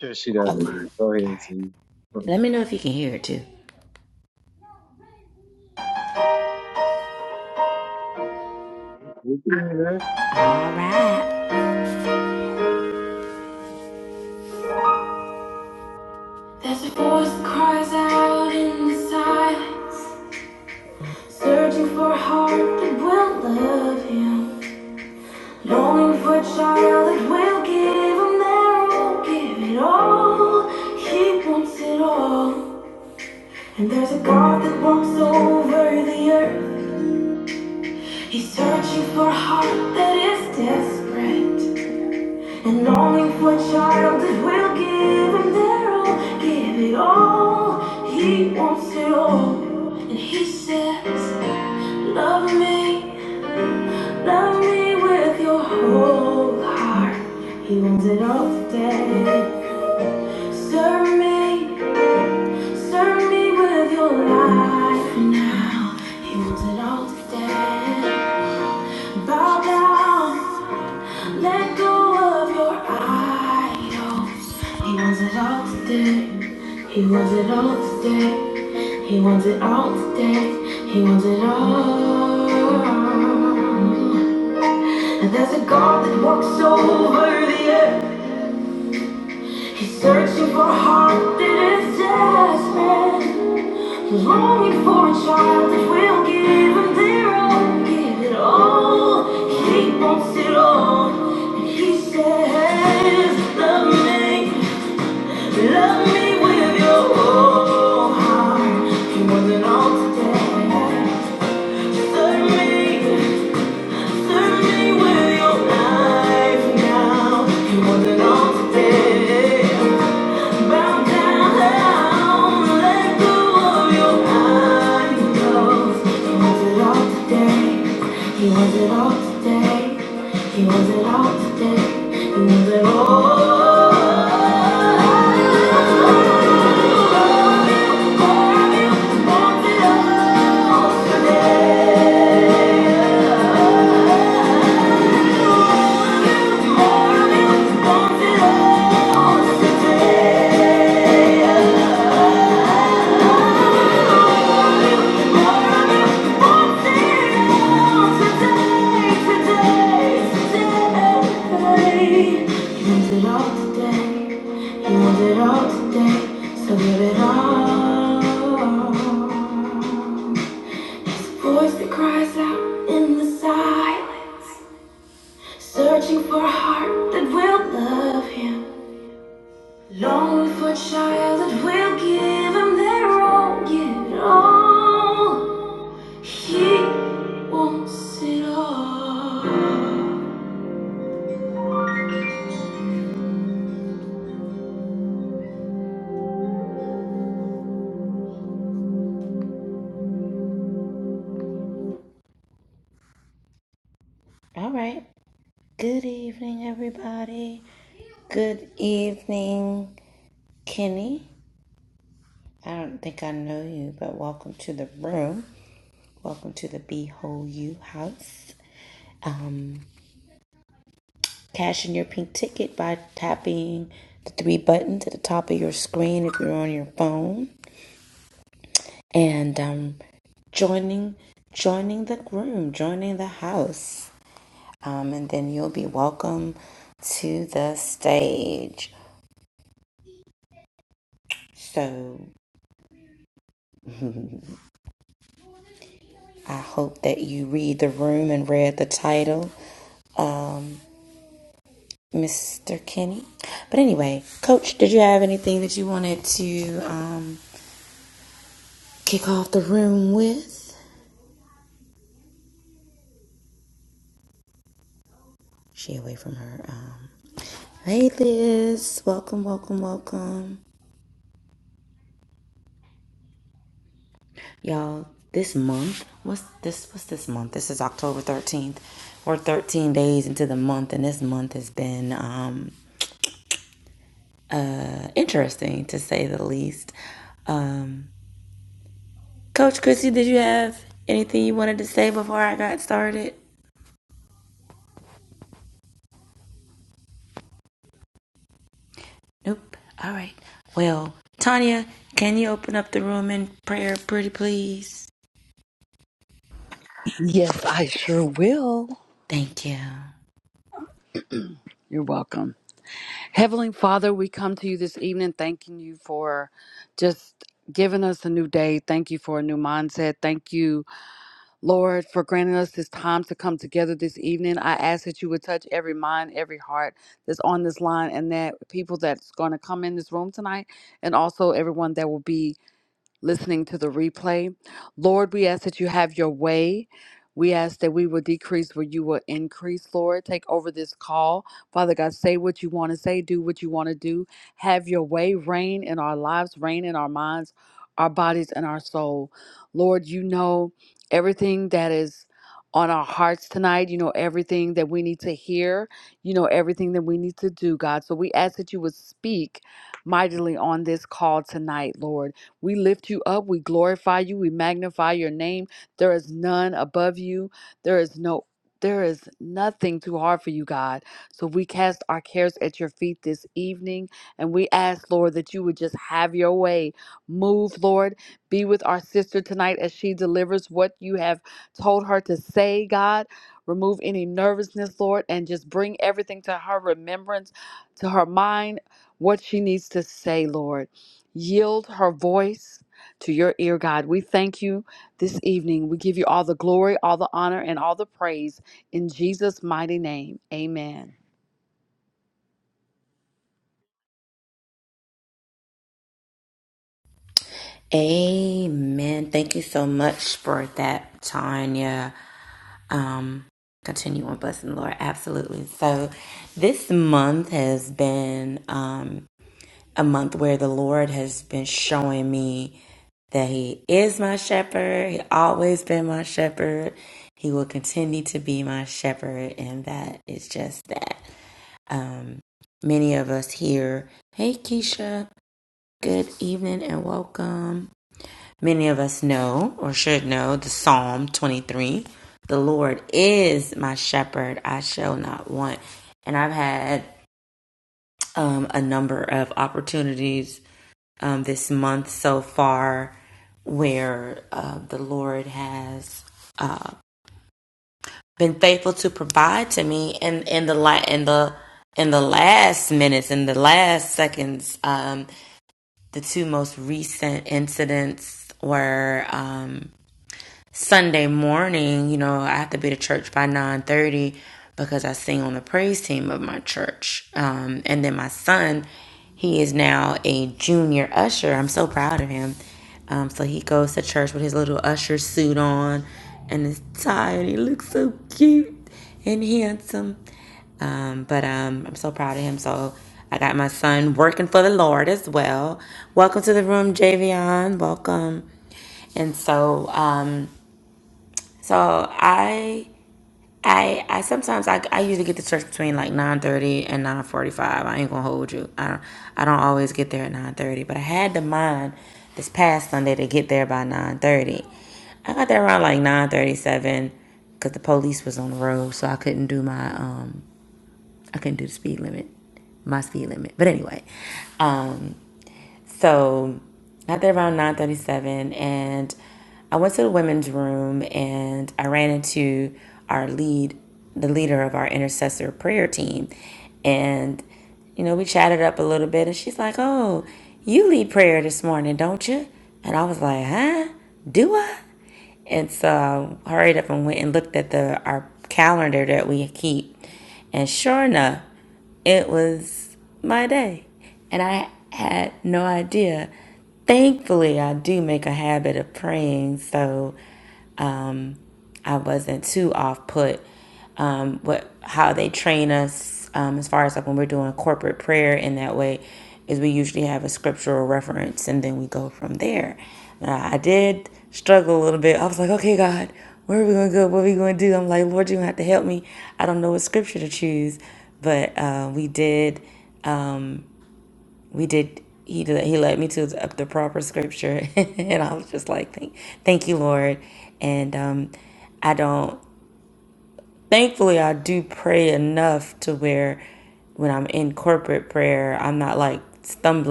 Sure, she doesn't Go ahead, Z. It's There's a voice that cries out in the silence, searching for a heart that will love him, longing for a child that will give him their all, give it all. He wants it all. And there's a God that walks over the earth. He's searching for a heart that is desperate. And longing for a child that will give him their all, give it all. He wants it all. And he says, Love me, love me with your whole heart. He wants it all today. Serve me, serve me with your life now. He wants it all today. Bow down. Let go of your idols. He wants it all today. He wants it all today. He wants it all today. He wants it all. And there's a God that walks over the earth. She's Searching for a heart that is desperate, longing for a child that will give him their all, give it all. He wants it all, and he says, "Love me, love me with your whole heart, you more than all today. Serve me, serve me with your life now, you more than all today." Bow down, let go of your ideals. He wants it all today. He wants it all today. He wants it all today. He wants it all. It all today, you want it all today, so give it all. There's voice that cries out in the silence. Searching for a heart that will love him. Longing for a child that will give him their own. give it all. He wants it all. Yes, I sure will. You're welcome. Heavenly Father, we come to you this evening thanking you for just giving us a new day. Thank you for a new mindset. Thank you, Lord, for granting us this time to come together this evening. I ask that you would touch every mind, every heart that's on this line, and that people that's going to come in this room tonight, and also everyone that will be. listening to the replay. Lord, we ask that you have your way. We ask that we will decrease where you will increase, Lord. Take over this call. Father God, say what you want to say, do what you want to do. Have your way, reign in our lives, reign in our minds, our bodies, and our soul. Lord, you know everything that is on our hearts tonight. You know everything that we need to hear. You know everything that we need to do, God. So we ask that you would speak mightily on this call tonight, Lord. We lift you up. We glorify you. We magnify your name. There is none above you. There is no there is nothing too hard for you, God. So we cast our cares at your feet this evening and we ask, Lord, that you would just have your way. Move, Lord. Be with our sister tonight as she delivers what you have told her to say, God. Remove any nervousness, Lord, and just bring everything to her remembrance, to her mind, what she needs to say, Lord yield her voice to your ear, God. We thank you this evening. We give you all the glory, all the honor, and all the praise in Jesus' mighty name. Amen.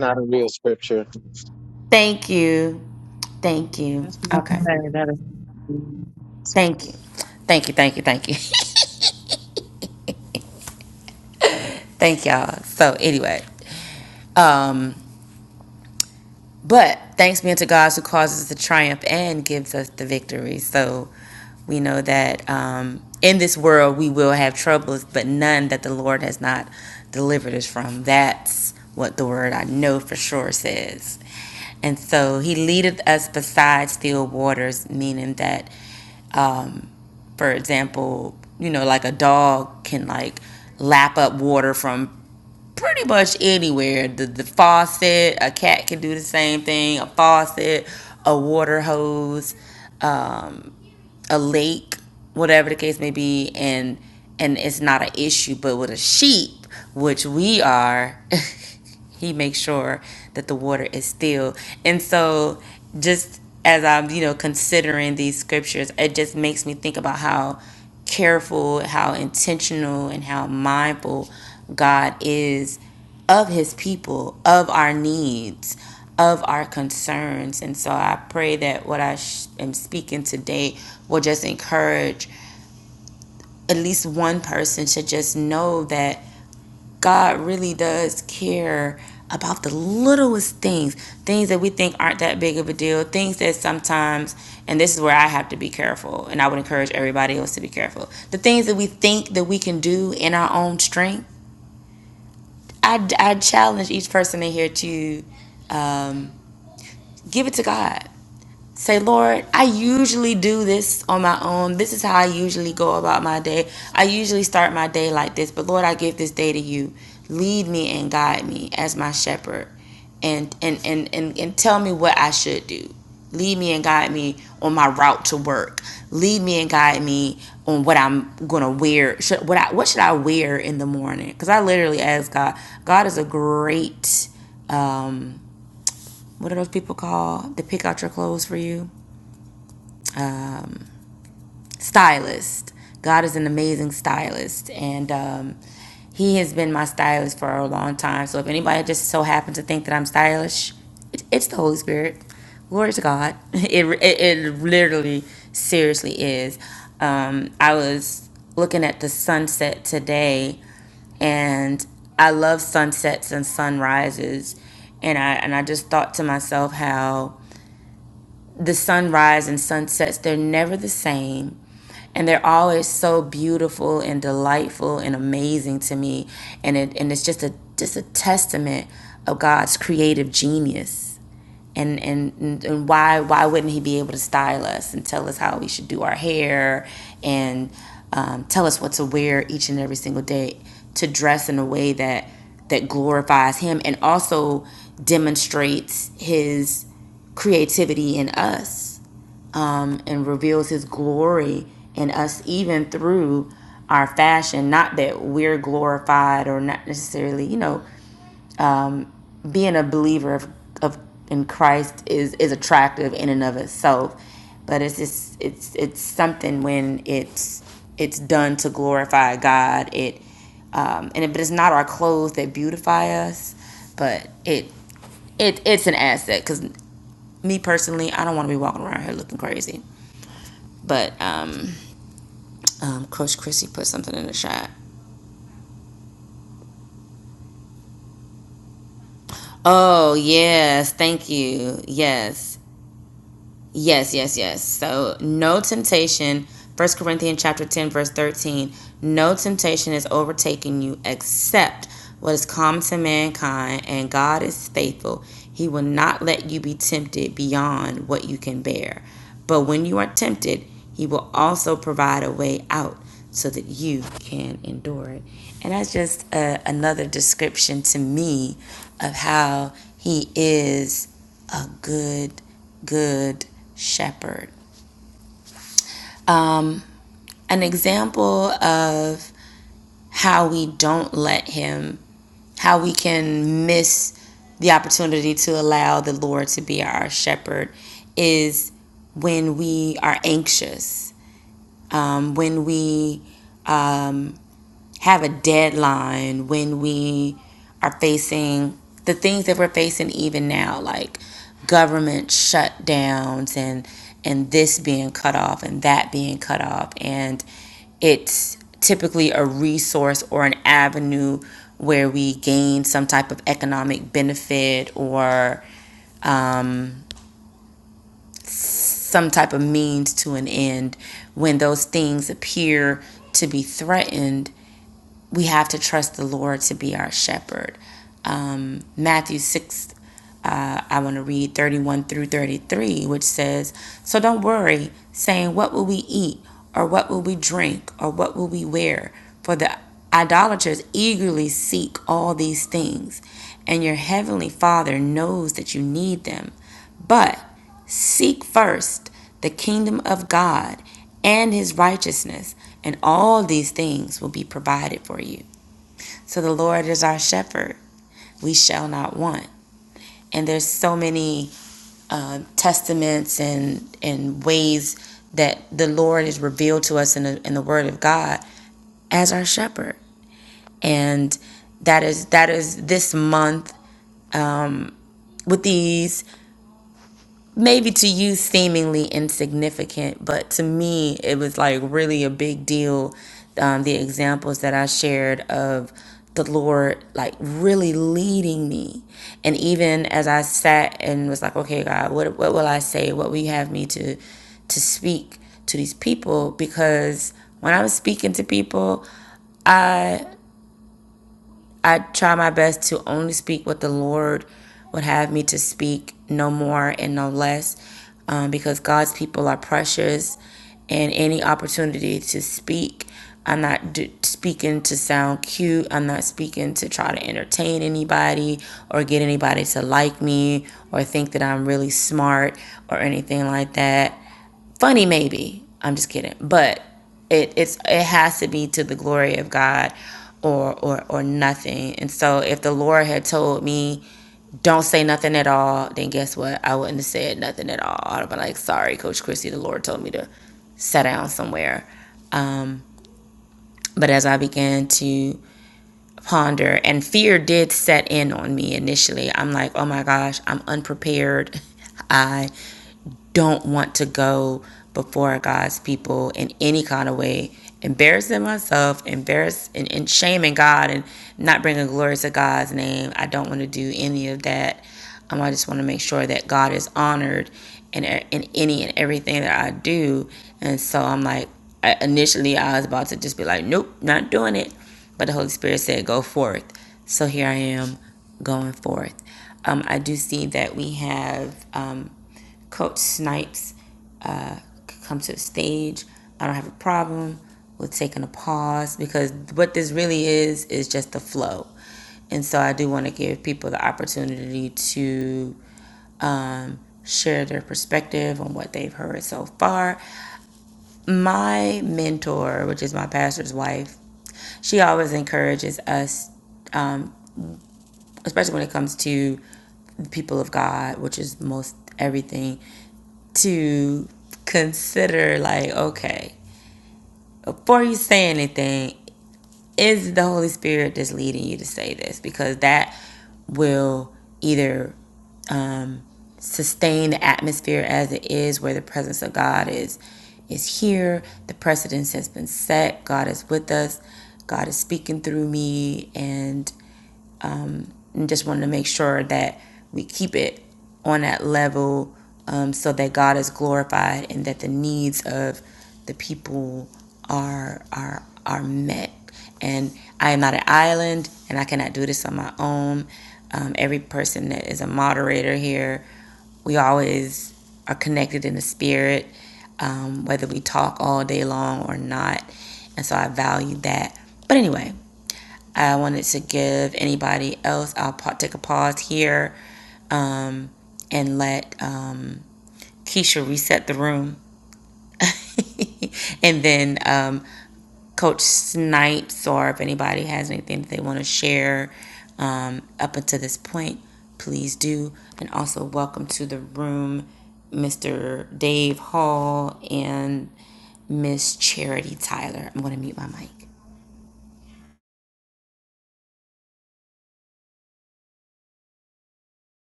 not a real scripture. That's what I'm saying. That is.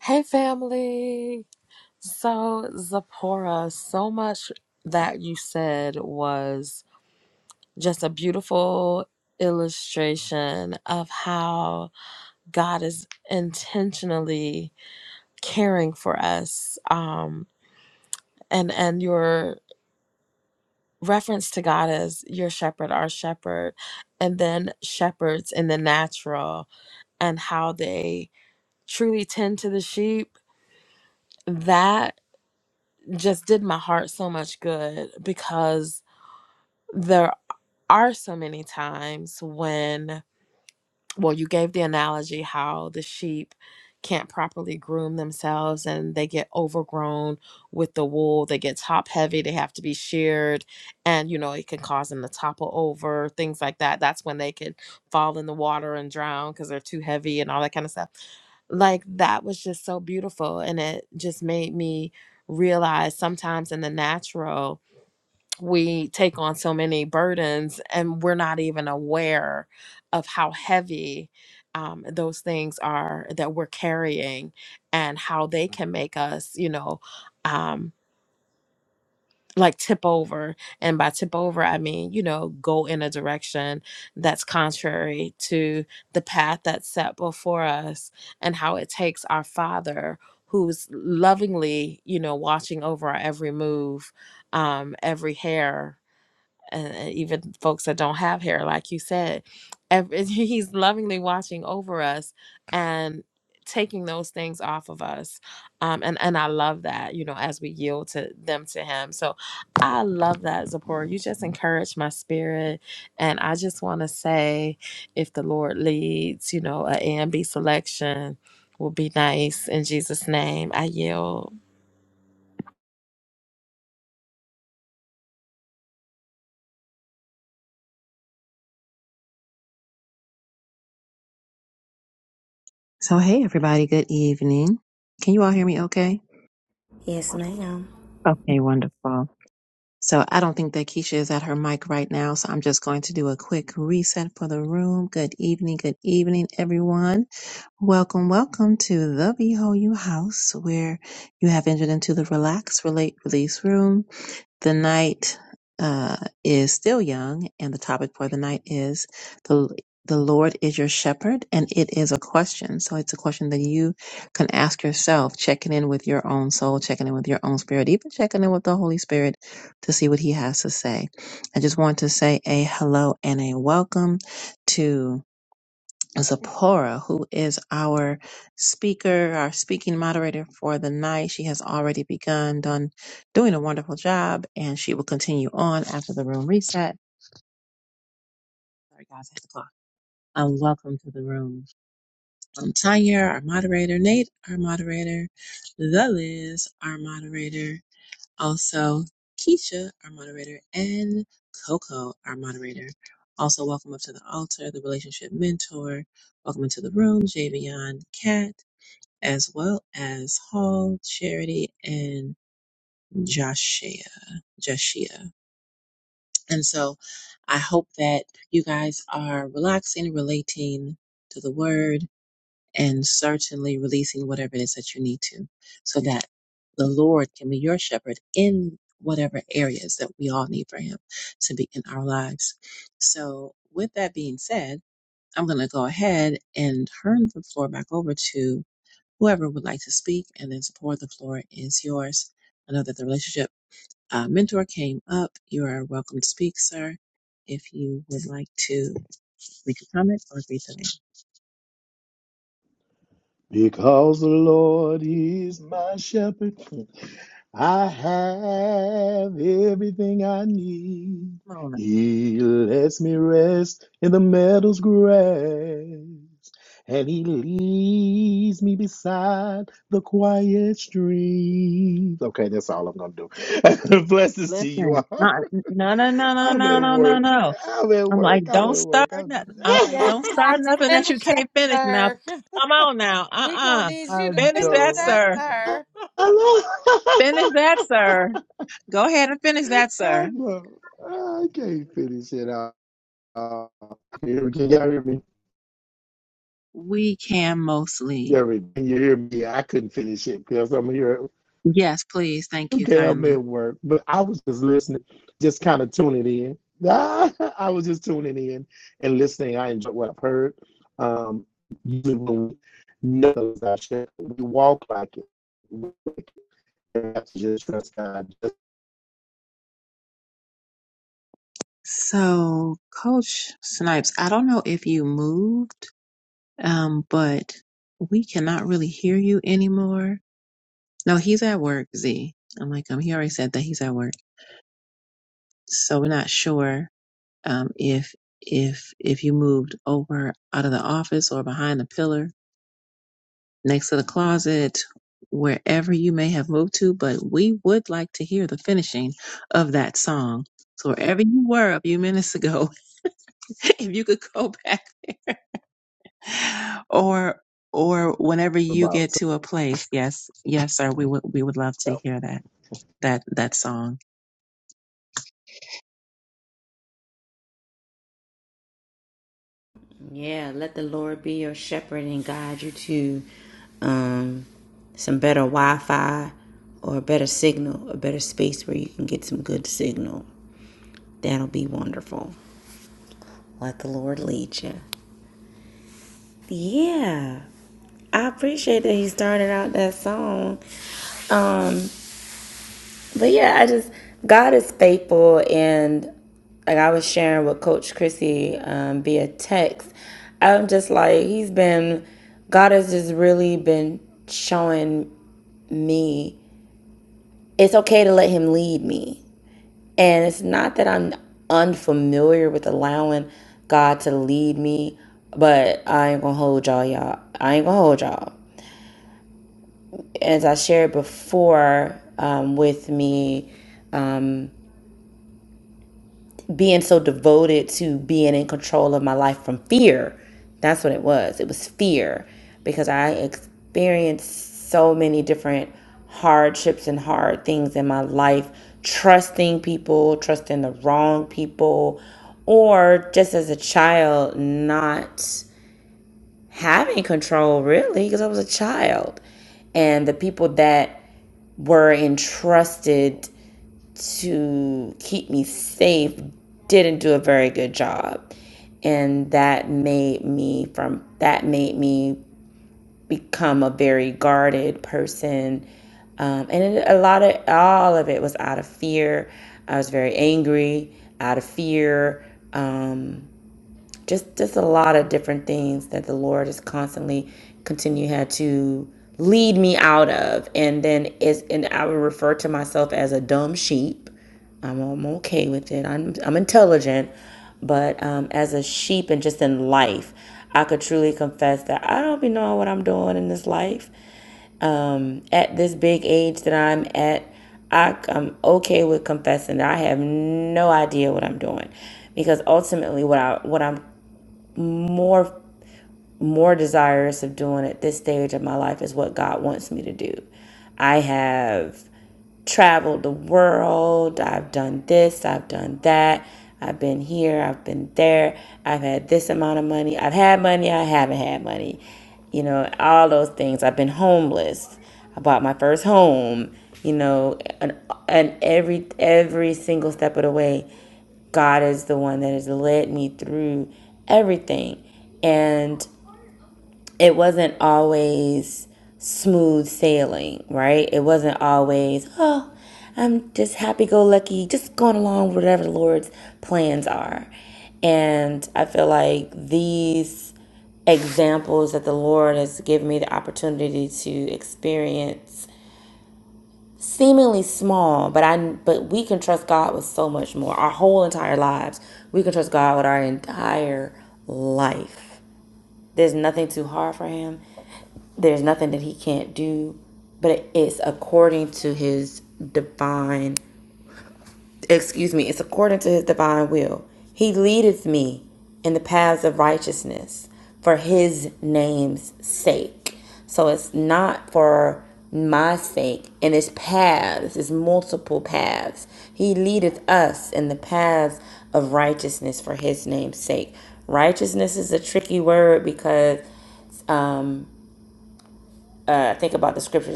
Hey, family. So, Zipporah, so much that you said was just a beautiful illustration of how God is intentionally caring for us. Um, and and your reference to God as your shepherd, our shepherd, and then shepherds in the natural and how they truly tend to the sheep. That just did my heart so much good because there are so many times when well, you gave the analogy how the sheep can't properly groom themselves and they get overgrown with the wool. They get top heavy, they have to be sheared, and you know, it can cause them to topple over, things like that. That's when they could fall in the water and drown because they're too heavy and all that kind of stuff like that was just so beautiful and it just made me realize sometimes in the natural we take on so many burdens and we're not even aware of how heavy um, those things are that we're carrying and how they can make us you know um, like tip over and by tip over i mean you know go in a direction that's contrary to the path that's set before us and how it takes our father who's lovingly you know watching over our every move um, every hair and even folks that don't have hair, like you said, every, he's lovingly watching over us and taking those things off of us. Um, and and I love that, you know, as we yield to them to him. So I love that, Zipporah. You just encourage my spirit, and I just want to say, if the Lord leads, you know, an A and B selection will be nice in Jesus' name. I yield. So, hey, everybody. Good evening. Can you all hear me okay? Okay, wonderful. So, I don't think that Keisha is at her mic right now. So, I'm just going to do a quick reset for the room. Good evening. Good evening, everyone. Welcome, welcome to the Behold You House, where you have entered into the Relax, Relate, Release room. The night uh, is still young, and the topic for the night is the the Lord is your shepherd, and it is a question. So it's a question that you can ask yourself, checking in with your own soul, checking in with your own spirit, even checking in with the Holy Spirit to see what He has to say. I just want to say a hello and a welcome to. Zipporah, who is our speaker, our speaking moderator for the night. She has already begun done doing a wonderful job, and she will continue on after the room reset. Sorry, guys, I have to clock. Um, welcome to the room. i Tanya, our moderator. Nate, our moderator. The Liz, our moderator. Also, Keisha, our moderator, and Coco, our moderator. Also, welcome up to the altar, the relationship mentor. Welcome into the room, Javion, Kat. as well as Hall, Charity, and Joshua. Joshua. And so I hope that you guys are relaxing, relating to the word, and certainly releasing whatever it is that you need to so that the Lord can be your shepherd in whatever areas that we all need for Him to be in our lives. So, with that being said, I'm going to go ahead and turn the floor back over to Whoever would like to speak and then support, the floor is yours. I know that the relationship uh, mentor came up. You are welcome to speak, sir. If you would like to make a comment or read the name. Because the Lord is my shepherd, I have everything I need. Come on. He lets me rest in the meadow's grass, and He leads me beside the quiet streams. Okay, that's all I'm gonna do. Blessings to you Listen, all. not, no, no, no, no, I'm no, at no, no, work. no. I'm at I'm like, work. I'm don't at work. start I'm nothing. I'm like, Yeah, just. don't you have start to nothing that you finish that, can't finish now. sir. Come on now. We're going Uh-uh. to need you I to Finish finish that, know. that, sir. I sir. I know. Finish that, sir. Go ahead and finish that, I sir. know. I can't finish it out. Uh, Can y'all hear me? We can mostly. Yeah, can you hear me? I couldn't finish it because I'm here. Yes, please. Thank you Okay, I'm kindly. at work, but I was just listening, just kind of tuning in. I was just tuning in and listening. I enjoyed what I've heard. Um, usually when we know our shit, we walk like it. We have to just trust God just So, Coach Snipes, I don't know if you moved, um, but we cannot really hear you anymore. No, he's at work, Z. I'm like, um, he already said that he's at work. So we're not sure, um, if, if, if you moved over out of the office or behind the pillar next to the closet, wherever you may have moved to, but we would like to hear the finishing of that song. So wherever you were a few minutes ago, if you could go back or or whenever you about get to a place yes yes sir we would we would love to something hear that that that song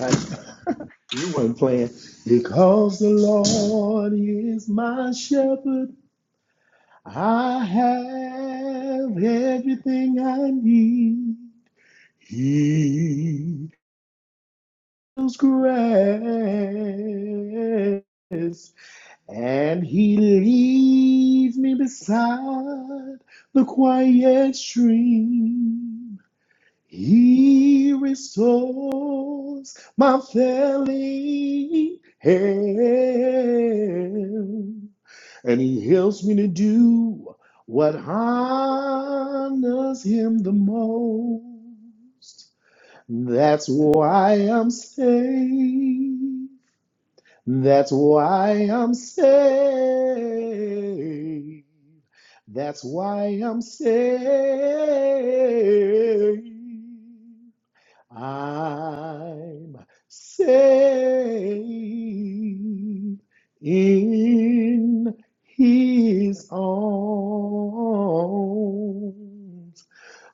else. You weren't playing. Because the Lord is my shepherd, I have everything I need. He is grass, and He leads me beside the quiet stream. He restores my failing hand, and He helps me to do what honors Him the most. That's why I'm saved. That's why I'm saved. That's why I'm saved. I'm saved in his arms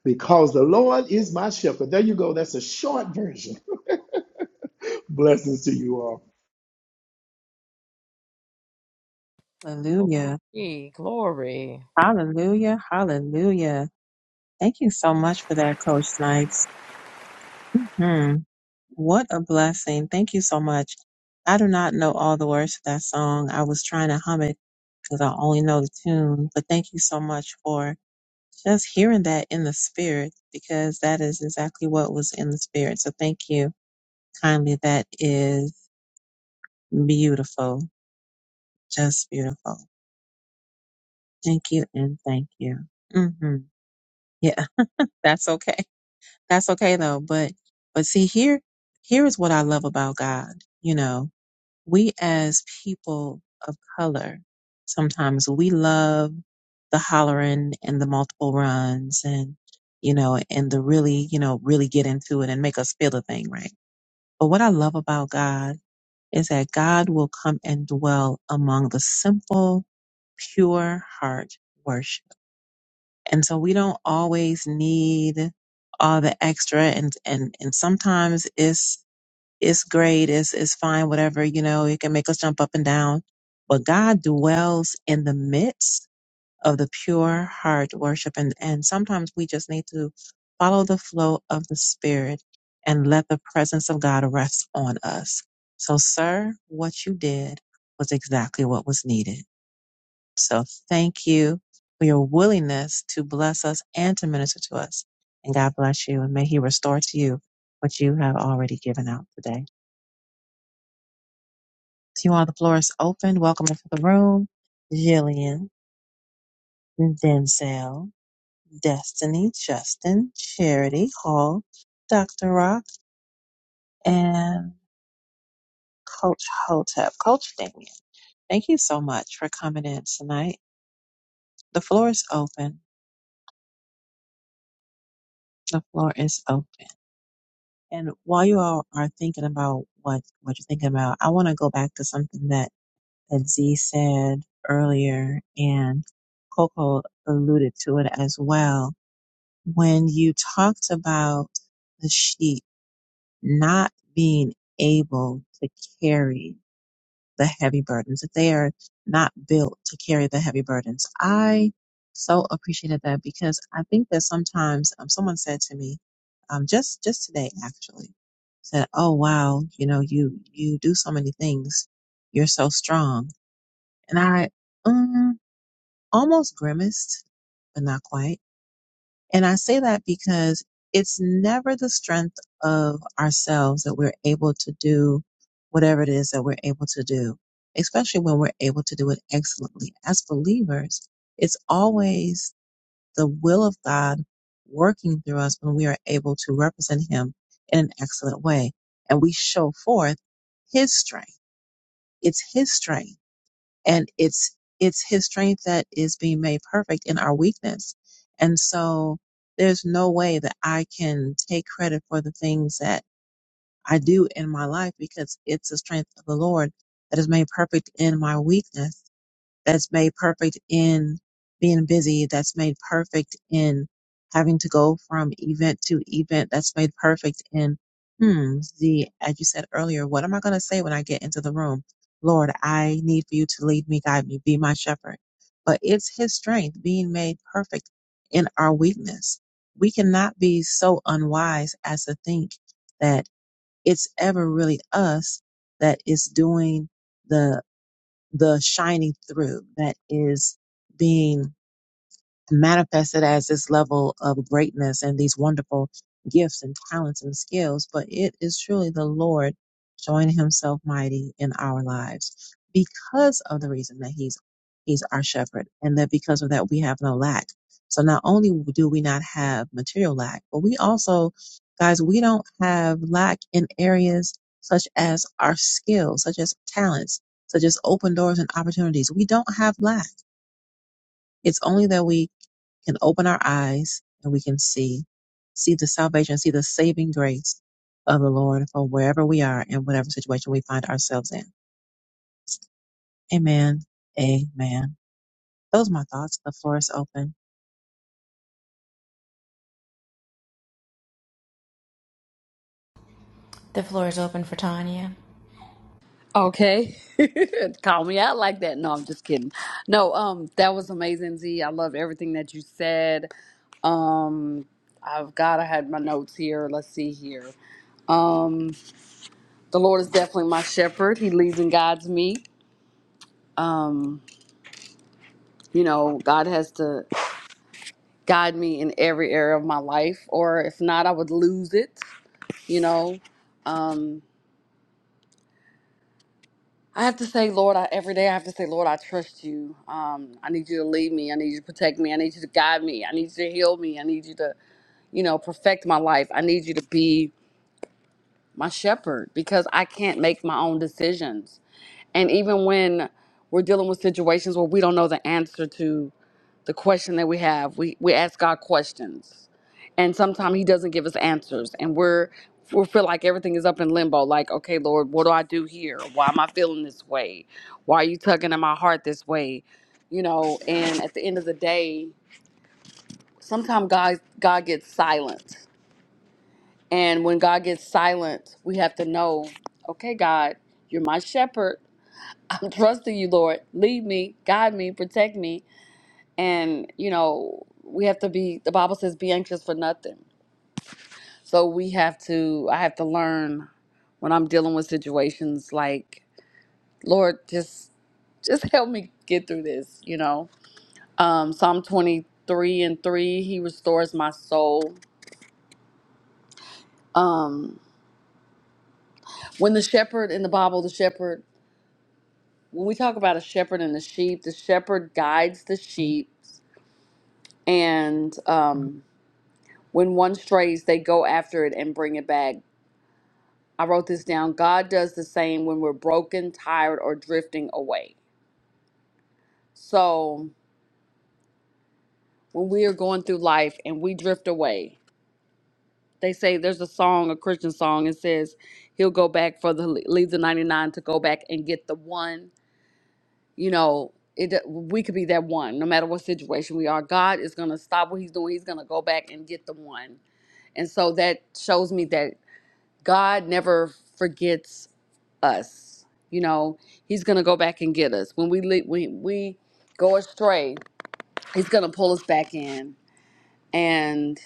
because the Lord is my shepherd. There you go. That's a short version. Blessings to you all. hallelujah Glory, glory. hallelujah hallelujah thank you so much for that coach snipes hmm what a blessing thank you so much i do not know all the words to that song i was trying to hum it because i only know the tune but thank you so much for just hearing that in the spirit because that is exactly what was in the spirit so thank you Kindly, that is beautiful. Just beautiful. Thank you and thank you. hmm Yeah, that's okay. That's okay though. But, but see here, here is what I love about God. You know, we as people of color, sometimes we love the hollering and the multiple runs and, you know, and the really, you know, really get into it and make us feel the thing, right? But what I love about God is that God will come and dwell among the simple, pure heart worship. And so we don't always need all the extra and, and, and sometimes it's, it's great. It's, it's fine. Whatever, you know, it can make us jump up and down, but God dwells in the midst of the pure heart worship and and sometimes we just need to follow the flow of the spirit and let the presence of God rest on us. So sir, what you did was exactly what was needed. So thank you for your willingness to bless us and to minister to us. And God bless you and may he restore to you what you have already given out today. To you all, the floor is open. Welcome into the room, Jillian, Denzel. Destiny, Justin, Charity, Hall, Dr. Rock, and Coach Hotep. Coach Damien, thank you so much for coming in tonight. The floor is open. The floor is open. And while you all are thinking about what, what you're thinking about, I want to go back to something that, that Z said earlier and Coco alluded to it as well. When you talked about the sheep not being able to carry the heavy burdens, that they are not built to carry the heavy burdens. I so appreciated that because I think that sometimes um, someone said to me, um, just just today actually, said, "Oh wow, you know you you do so many things, you're so strong," and I um, almost grimaced, but not quite and I say that because it's never the strength of ourselves that we're able to do whatever it is that we're able to do, especially when we're able to do it excellently. As believers, it's always the will of God working through us when we are able to represent Him in an excellent way. And we show forth His strength. It's His strength and it's it's his strength that is being made perfect in our weakness and so there's no way that i can take credit for the things that i do in my life because it's the strength of the lord that is made perfect in my weakness that's made perfect in being busy, that's made perfect in having to go from event to event, that's made perfect in, hmm, the, as you said earlier, what am I going to say when I get into the room? Lord, I need for you to lead me, guide me, be my shepherd. But it's his strength being made perfect in our weakness. We cannot be so unwise as to think that it's ever really us that is doing the the shining through that is being manifested as this level of greatness and these wonderful gifts and talents and skills, but it is truly the Lord showing himself mighty in our lives because of the reason that he's he's our shepherd and that because of that we have no lack. So not only do we not have material lack, but we also guys, we don't have lack in areas such as our skills, such as talents, such as open doors and opportunities. We don't have lack. It's only that we can open our eyes and we can see, see the salvation, see the saving grace of the Lord for wherever we are and whatever situation we find ourselves in. Amen. Amen. Those are my thoughts. The floor is open. Okay. Call me out like that. No, I'm just kidding. No, um, that was amazing, Z. I loved everything that you said. Um, I've got I had my notes here. Let's see here. Um, the Lord is definitely my shepherd. He leads and guides me. Um, you know, God has to. guide me in every area of my life, or if not, I would lose it, you know. Um, I have to say, Lord, I, every day I have to say, Lord, I trust you. Um, I need you to lead me. I need you to protect me. I need you to guide me. I need you to heal me. I need you to, you know, perfect my life. I need you to be my shepherd because I can't make my own decisions. And even when we're dealing with situations where we don't know the answer to, the question that we have. We we ask God questions, and sometimes He doesn't give us answers, and we're we feel like everything is up in limbo. Like, okay, Lord, what do I do here? Why am I feeling this way? Why are you tugging at my heart this way? You know, and at the end of the day, sometimes God God gets silent, and when God gets silent, we have to know, okay, God, you're my shepherd. I'm trusting you, Lord. Lead me, guide me, protect me and you know we have to be the bible says be anxious for nothing so we have to i have to learn when i'm dealing with situations like lord just just help me get through this you know um psalm 23 and 3 he restores my soul um when the shepherd in the bible the shepherd when we talk about a shepherd and the sheep the shepherd guides the sheep and um when one strays they go after it and bring it back I wrote this down. God does the same when we're broken, tired, or drifting away. So when we are going through life and we drift away, they say there's a song, a Christian song, it says he'll go back for the leave the 99 to go back and get the one. You know, it we could be that one, no matter what situation we are. God is gonna stop what he's doing. He's gonna go back and get the one. And so that shows me that God never forgets us. You know, He's gonna go back and get us when we le- when we go astray. He's gonna pull us back in. And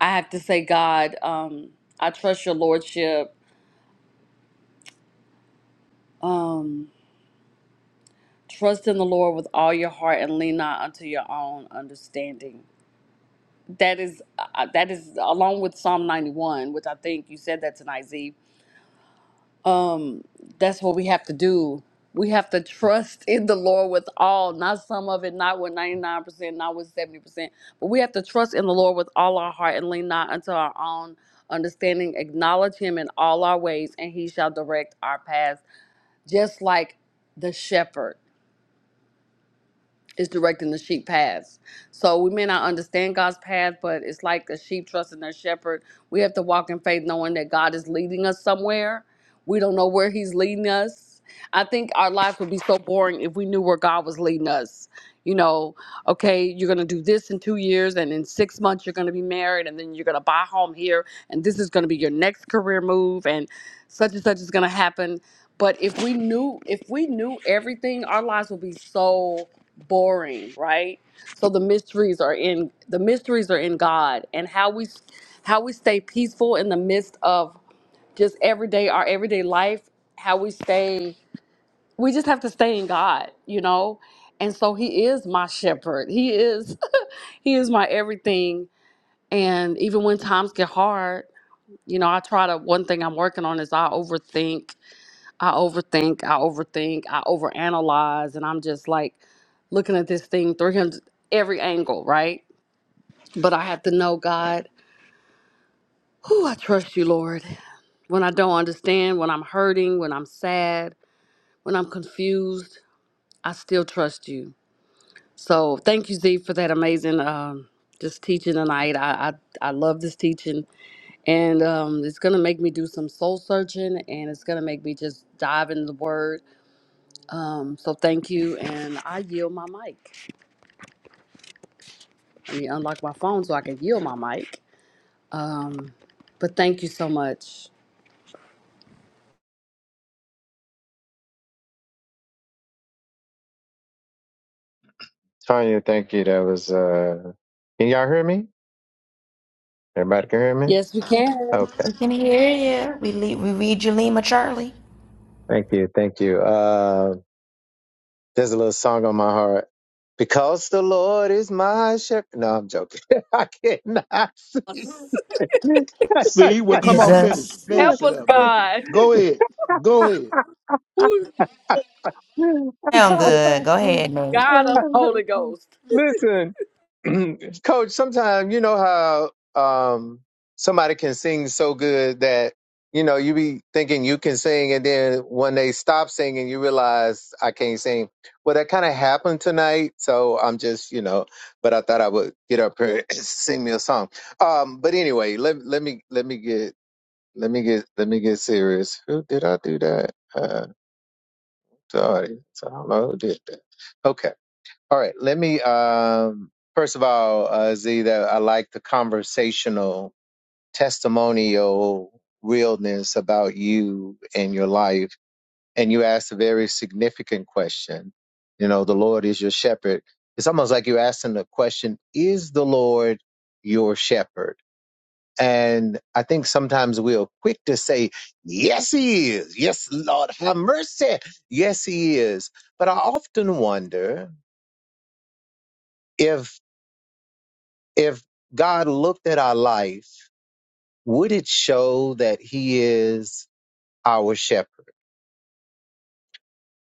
I have to say, God, um, I trust Your Lordship. Um, trust in the Lord with all your heart and lean not unto your own understanding. That is uh, that is along with Psalm ninety one, which I think you said that tonight, Z um that's what we have to do we have to trust in the lord with all not some of it not with 99% not with 70% but we have to trust in the lord with all our heart and lean not unto our own understanding acknowledge him in all our ways and he shall direct our paths just like the shepherd is directing the sheep paths. So we may not understand God's path, but it's like a sheep trusting their shepherd. We have to walk in faith knowing that God is leading us somewhere. We don't know where he's leading us. I think our life would be so boring if we knew where God was leading us. You know, okay, you're going to do this in 2 years and in 6 months you're going to be married and then you're going to buy a home here and this is going to be your next career move and such and such is going to happen. But if we knew if we knew everything, our lives would be so boring, right? So the mysteries are in the mysteries are in God and how we how we stay peaceful in the midst of just everyday our everyday life, how we stay we just have to stay in God, you know? And so he is my shepherd. He is he is my everything and even when times get hard, you know, I try to one thing I'm working on is I overthink I overthink, I overthink, I overanalyze, and I'm just like looking at this thing 300 every angle, right? But I have to know God, who I trust you, Lord. When I don't understand, when I'm hurting, when I'm sad, when I'm confused, I still trust you. So thank you, Z, for that amazing um, just teaching tonight. I, I I love this teaching, and um, it's gonna make me do some soul searching, and it's gonna make me just dive into the Word Um, so thank you, and I yield my mic. Let me unlock my phone so I can yield my mic. Um, but thank you so much. Tanya, thank you. That was uh can y'all hear me? Everybody can hear me? Yes, we can. Okay. Thank you, thank you. Uh there's a little song on my heart. Because the Lord is my shepherd. No, I'm joking. I cannot see. See, well, come on, finish it. Finish Help it us, up then. God. Go ahead. Go ahead. Who's God of Holy Ghost? Listen, Coach, sometimes you know how um, somebody can sing so good that you know you be thinking you can sing, and then when they stop singing, you realize I can't sing. Well, that kind of happened tonight, so I'm just you know. But I thought I would get up here and sing me a song. Um, but anyway, let let me let me get let me get let me get serious. Who did I do that? Uh, the audience. I don't know who did that. Okay. All right, let me um, first of all, uh, Z, that I like the conversational, testimonial realness about you and your life. And you asked a very significant question. You know, the Lord is your shepherd. It's almost like you're asking the question, is the Lord your shepherd? And I think sometimes we are quick to say, yes, he is. Yes, Lord, have mercy. Yes, he is. But I often wonder, if. if God looked at our life, would it show that He is our shepherd?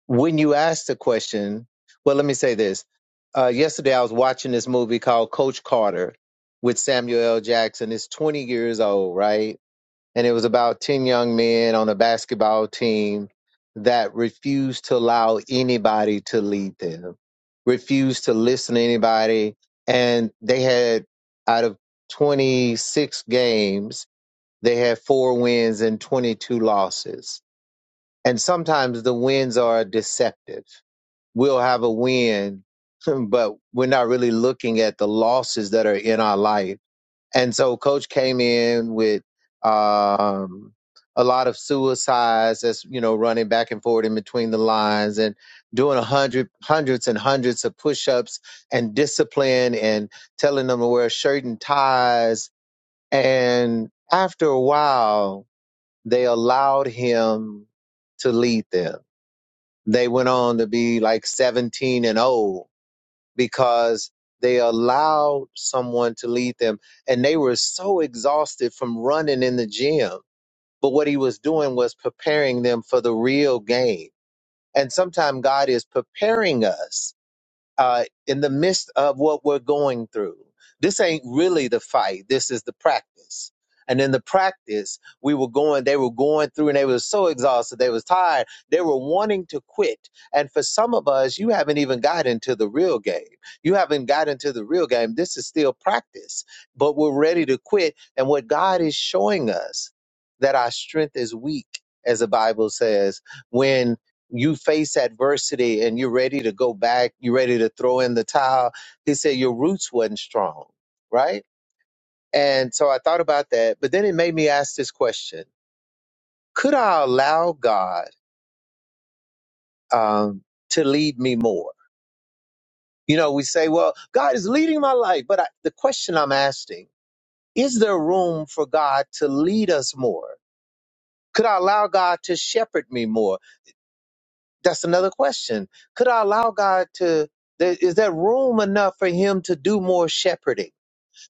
When you ask the question, well, let me say this. Uh, yesterday, I was watching this movie called Coach Carter with Samuel L. Jackson. It's 20 years old, right? and it was about 10 young men on a basketball team that refused to allow anybody to lead them, refused to listen to anybody. And they had, out of 26 games, they had four wins and 22 losses. And sometimes the wins are deceptive. We'll have a win, but we're not really looking at the losses that are in our life and so coach came in with um a lot of suicides that's you know running back and forth in between the lines and doing a hundred hundreds and hundreds of push-ups and discipline and telling them to wear a shirt and ties and after a while they allowed him to lead them they went on to be like 17 and 0 because they allowed someone to lead them and they were so exhausted from running in the gym. But what he was doing was preparing them for the real game. And sometimes God is preparing us uh, in the midst of what we're going through. This ain't really the fight. This is the practice. And in the practice, we were going, they were going through and they were so exhausted. They was tired. They were wanting to quit. And for some of us, you haven't even got into the real game. You haven't got into the real game. This is still practice, but we're ready to quit. And what God is showing us that our strength is weak, as the Bible says, when you face adversity and you're ready to go back, you're ready to throw in the towel. He said your roots wasn't strong, right? And so I thought about that, but then it made me ask this question: Could I allow God um, to lead me more? You know, we say, "Well, God is leading my life," but I, the question I'm asking is: There room for God to lead us more? Could I allow God to shepherd me more? That's another question. Could I allow God to? there- Is there room enough for Him to do more shepherding?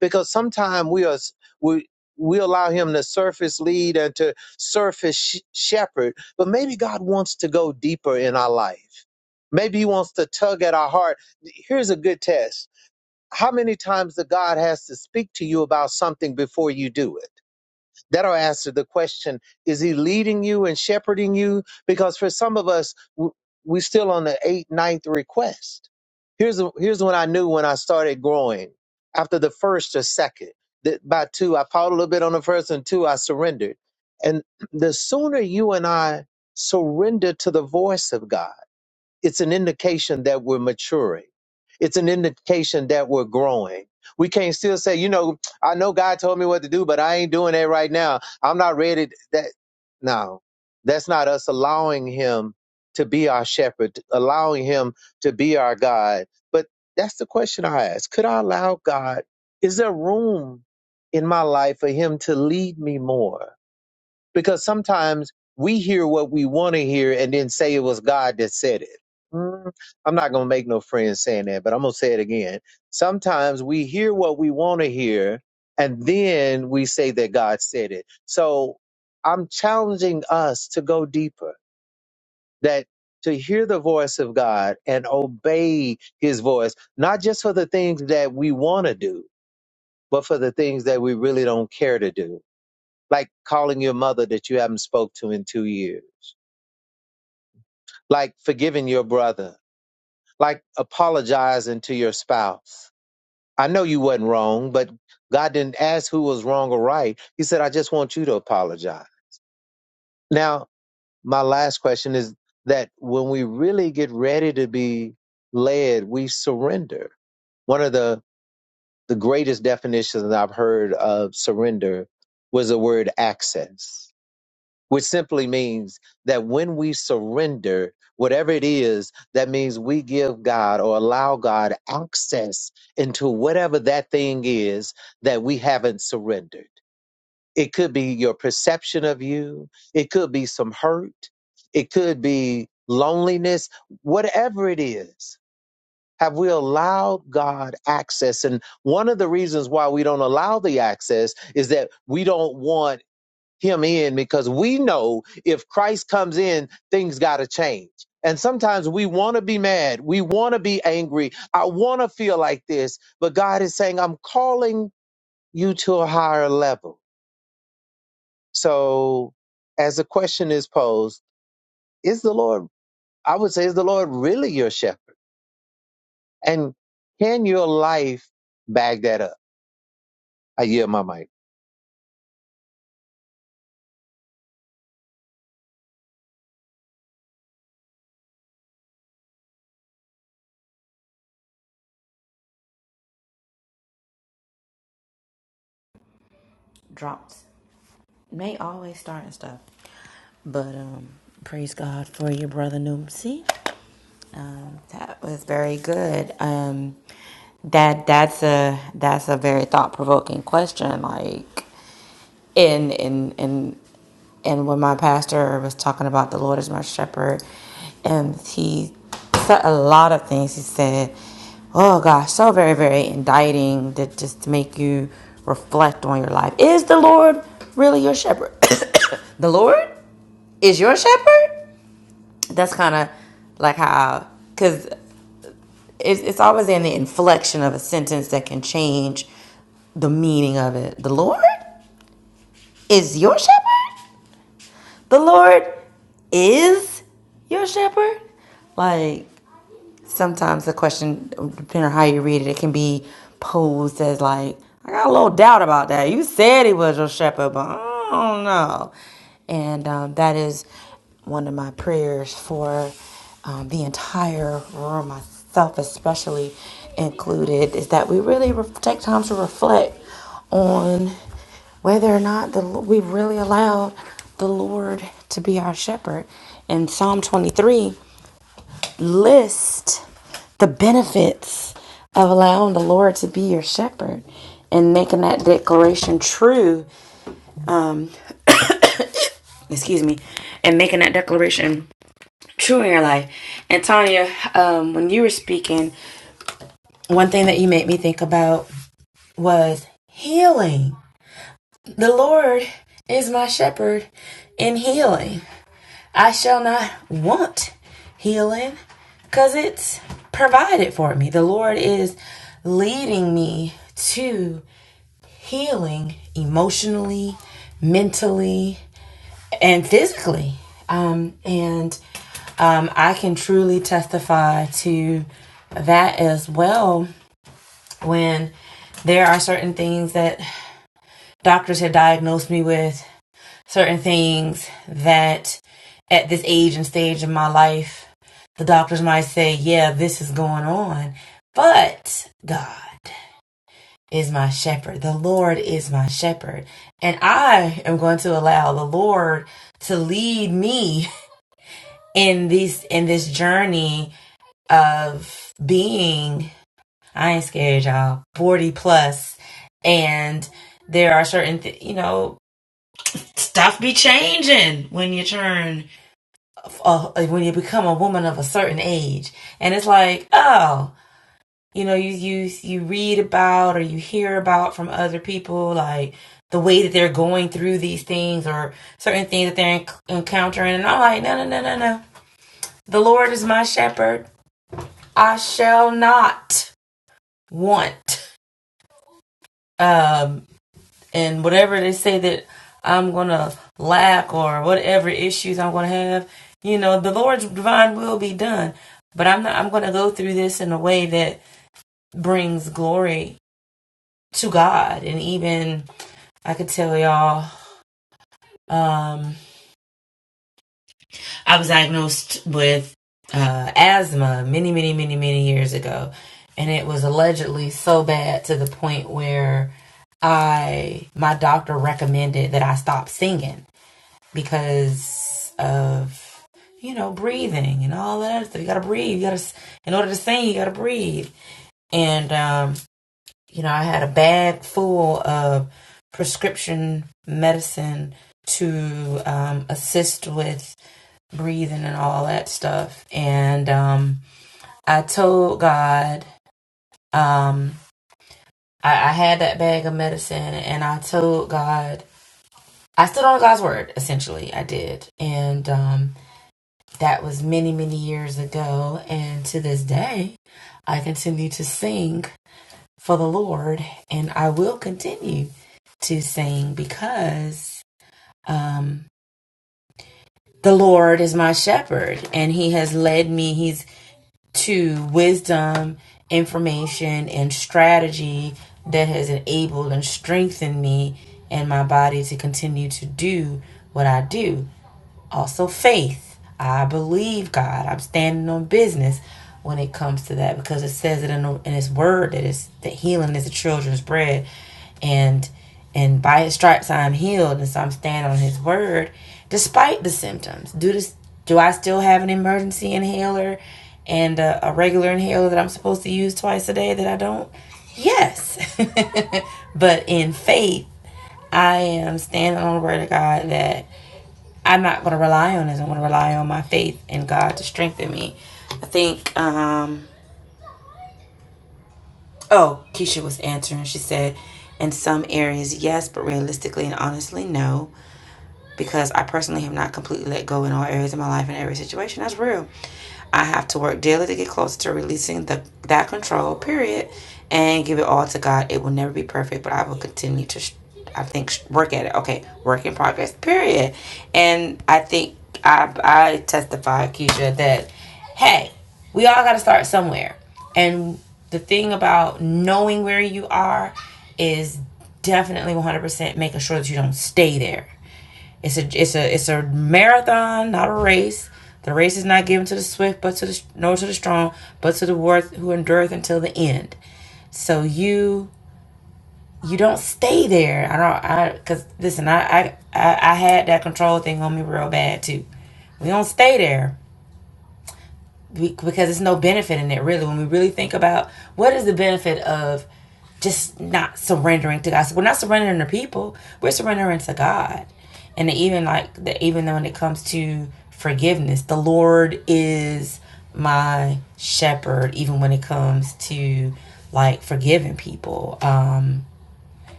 Because sometimes we are s- we we allow Him to surface lead and to surface sh- shepherd, but maybe God wants to go deeper in our life. Maybe He wants to tug at our heart. Here's a good test: How many times that God has to speak to you about something before you do it? That'll answer the question Is He leading you and shepherding you? Because for some of us, w- we still on the eighth, ninth request. Here's, here's when I knew when I started growing after the first or second. That by two, I fought a little bit on the first, and two, I surrendered. And the sooner you and I surrender to the voice of God, it's an indication that we're maturing. It's an indication that we're growing. We can't still say, you know, I know God told me what to do, but I ain't doing that right now. I'm not ready. That no, that's not us allowing Him to be our shepherd, allowing Him to be our God. But that's the question I ask: Could I allow God? Is there room in my life for Him to lead me more? because sometimes we hear what we want to hear and then say it was God that said it. Mm, I'm not going to make no friends saying that, but I'm going to say it again. Sometimes we hear what we want to hear and then we say that God said it. So I'm challenging us to go deeper, that to hear the voice of God and obey his voice, not just for the things that we want to do, but for the things that we really don't care to do like calling your mother that you haven't spoke to in two years, like forgiving your brother, like apologizing to your spouse. I know you wasn't wrong, but God didn't ask who was wrong or right. He said, I just want you to apologize. Now, my last question is that when we really get ready to be led, we surrender. One of the, the greatest definitions that I've heard of surrender was the word access which simply means that when we surrender, whatever it is, that means we give God or allow God access into whatever that thing is that we haven't surrendered. It could be your perception of you, it could be some hurt, it could be loneliness, whatever it is. Have we allowed God access? And one of the reasons why we don't allow the access is that we don't want him in because we know if Christ comes in, things got to change. And sometimes we want to be mad. We want to be angry. I want to feel like this. But God is saying, I'm calling you to a higher level. So, as the question is posed, is the Lord, I would say, is the Lord really your shepherd? And can your life bag that up? I yield my mic.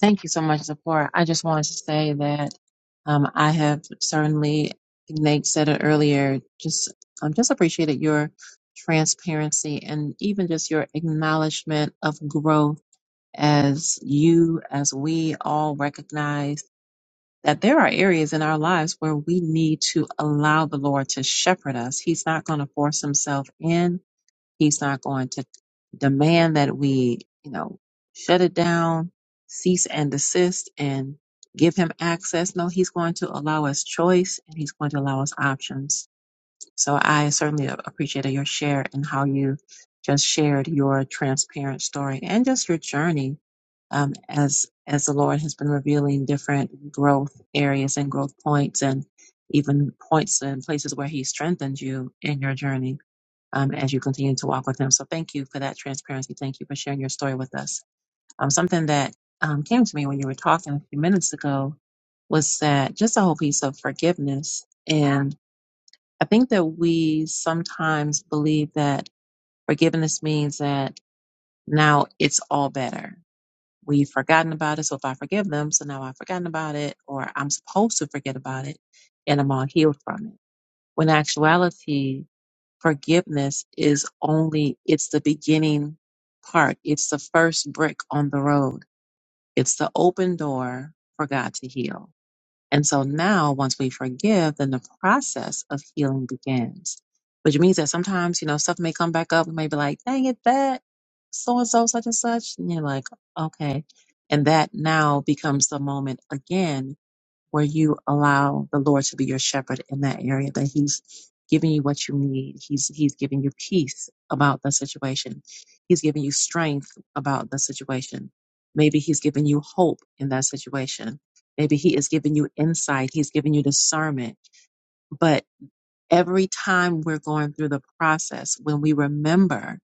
Thank you so much, Zipporah. I just wanted to say that um, I have certainly, Nate said it earlier, just um, just appreciated your transparency and even just your acknowledgement of growth as you, as we all recognize. that there are areas in our lives where we need to allow the Lord to shepherd us. He's not going to force himself in. He's not going to demand that we, you know, shut it down, cease and desist and give him access. No, he's going to allow us choice and he's going to allow us options. So I certainly a- appreciated your share and how you just shared your transparent story and just your journey um, as as the Lord has been revealing different growth areas and growth points and even points and places where He strengthened you in your journey um, as you continue to walk with Him. So thank you for that transparency. Thank you for sharing your story with us. Um, something that um, came to me when you were talking a few minutes ago was that just a whole piece of forgiveness I think that we sometimes believe that forgiveness means that now it's all better. We've forgotten about it, so if I forgive them, so now I've forgotten about it, or I'm supposed to forget about it, and I'm all healed from it. When in actuality, forgiveness is only, it's the beginning part. It's the first brick on the road. It's the open door for God to heal and so now, once we forgive, then the process of healing begins, which means that sometimes, you know, stuff may come back up. We may be like, dang it, that so and so, such and such. And you're like, okay. And that now becomes the moment again where you allow the Lord to be your shepherd in that area, that He's giving you what you need. He's He's giving you peace about the situation. He's giving you strength about the situation. Maybe He's giving you hope in that situation. Maybe He is giving you insight. He's giving you discernment. But every time we're going through the process, when we remember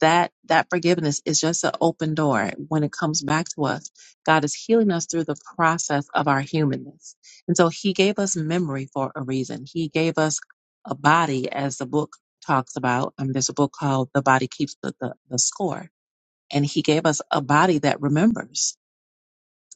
that that forgiveness is just an open door when it comes back to us god is healing us through the process of our humanness and so he gave us memory for a reason he gave us a body as the book talks about and there's a book called the body keeps the, the, the score and he gave us a body that remembers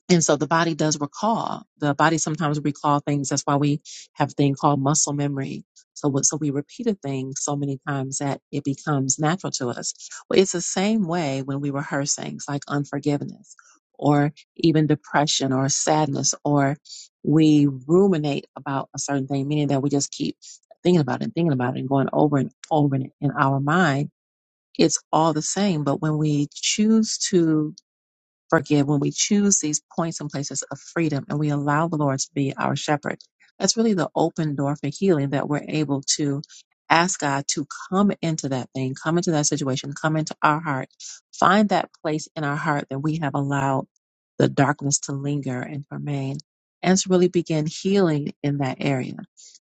and so the body does recall. The body sometimes recall things. That's why we have a thing called muscle memory. So, what- so we repeat a thing so many times that it becomes natural to us. Well, it's the same way when we rehearse things like unforgiveness or even depression or sadness, or we ruminate about a certain thing, meaning that we just keep thinking about it and thinking about it and going over and over in, in our mind. It's all the same. But when we choose to forgive when we choose these points and places of freedom and we allow the Lord to be our shepherd. That's really the open door for healing that we're able to ask God to come into that thing, come into that situation, come into our heart, find that place in our heart that we have allowed the darkness to linger and remain, and to really begin healing in that area.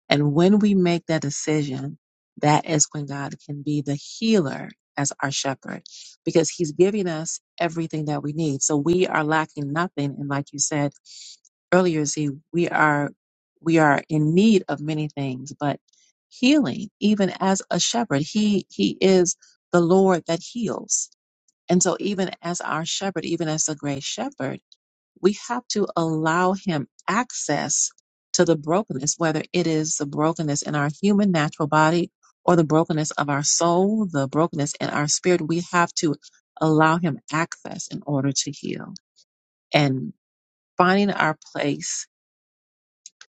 And when we make that decision, that is when God can be the healer as our shepherd because he's giving us everything that we need. So we are lacking nothing. And like you said earlier, Z, we are, we are in need of many things, but healing, even as a shepherd, he, he is the Lord that heals. And so even as our shepherd, even as the great shepherd, we have to allow him access to the brokenness, whether it is the brokenness in our human natural body or the brokenness of our soul, the brokenness in our spirit. We have to allow him access in order to heal and finding our place